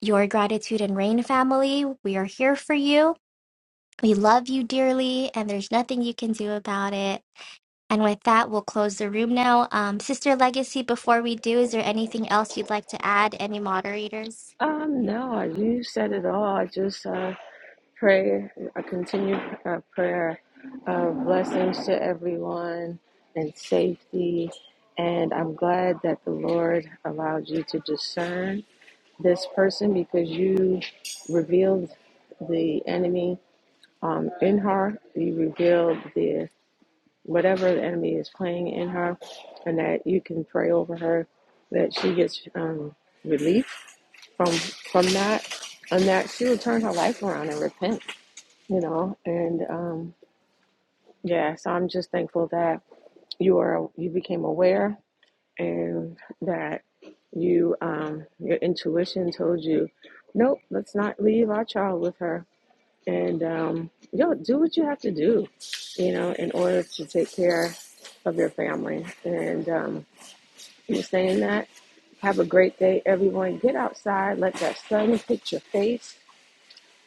your gratitude and rain family, we are here for you. We love you dearly, and there's nothing you can do about it and with that, we'll close the room now. Um, Sister Legacy, before we do, is there anything else you'd like to add? Any moderators? Prayer, I concur uh, to everyone and safety. And I'm glad that the Lord allowed you to discern this person because you revealed the enemy um, in her. You revealed the whatever the enemy is playing in her, and that you can pray over her that she gets um, relief from from that, and that she will turn her life around and repent. You know, and um, yeah, so I'm just thankful that you are you became aware and that you um, your intuition told you, nope, let's not leave our child with her and um, yo, do what you have to do, you know, in order to take care of your family. And um, in saying that, have a great day, everyone. Get outside, let that sun hit your face,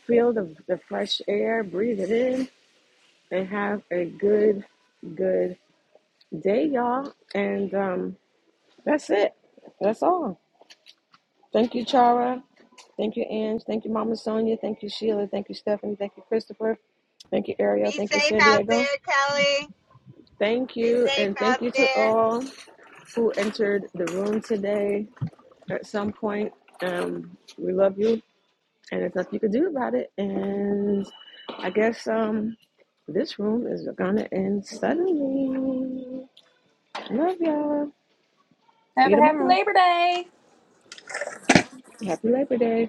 feel the, the fresh air, breathe it in, and have a good, good day, y'all. And um, that's it. That's all. Thank you, Chara. Thank you, Ange. Thank you, Mama Sonia. Thank you, Sheila. Thank you, Stephanie. Thank you, Christopher. Thank you, Be Ariel. Thank you, safe San out Diego. there, Kelly. Thank Be you, safe and out thank you to there. all who entered the room today at some point. Um, we love you, and there's nothing you can do about it. And I guess um, this room is gonna end suddenly. Love y'all. See Have you a happy tomorrow. Labor Day. Happy Labor Day.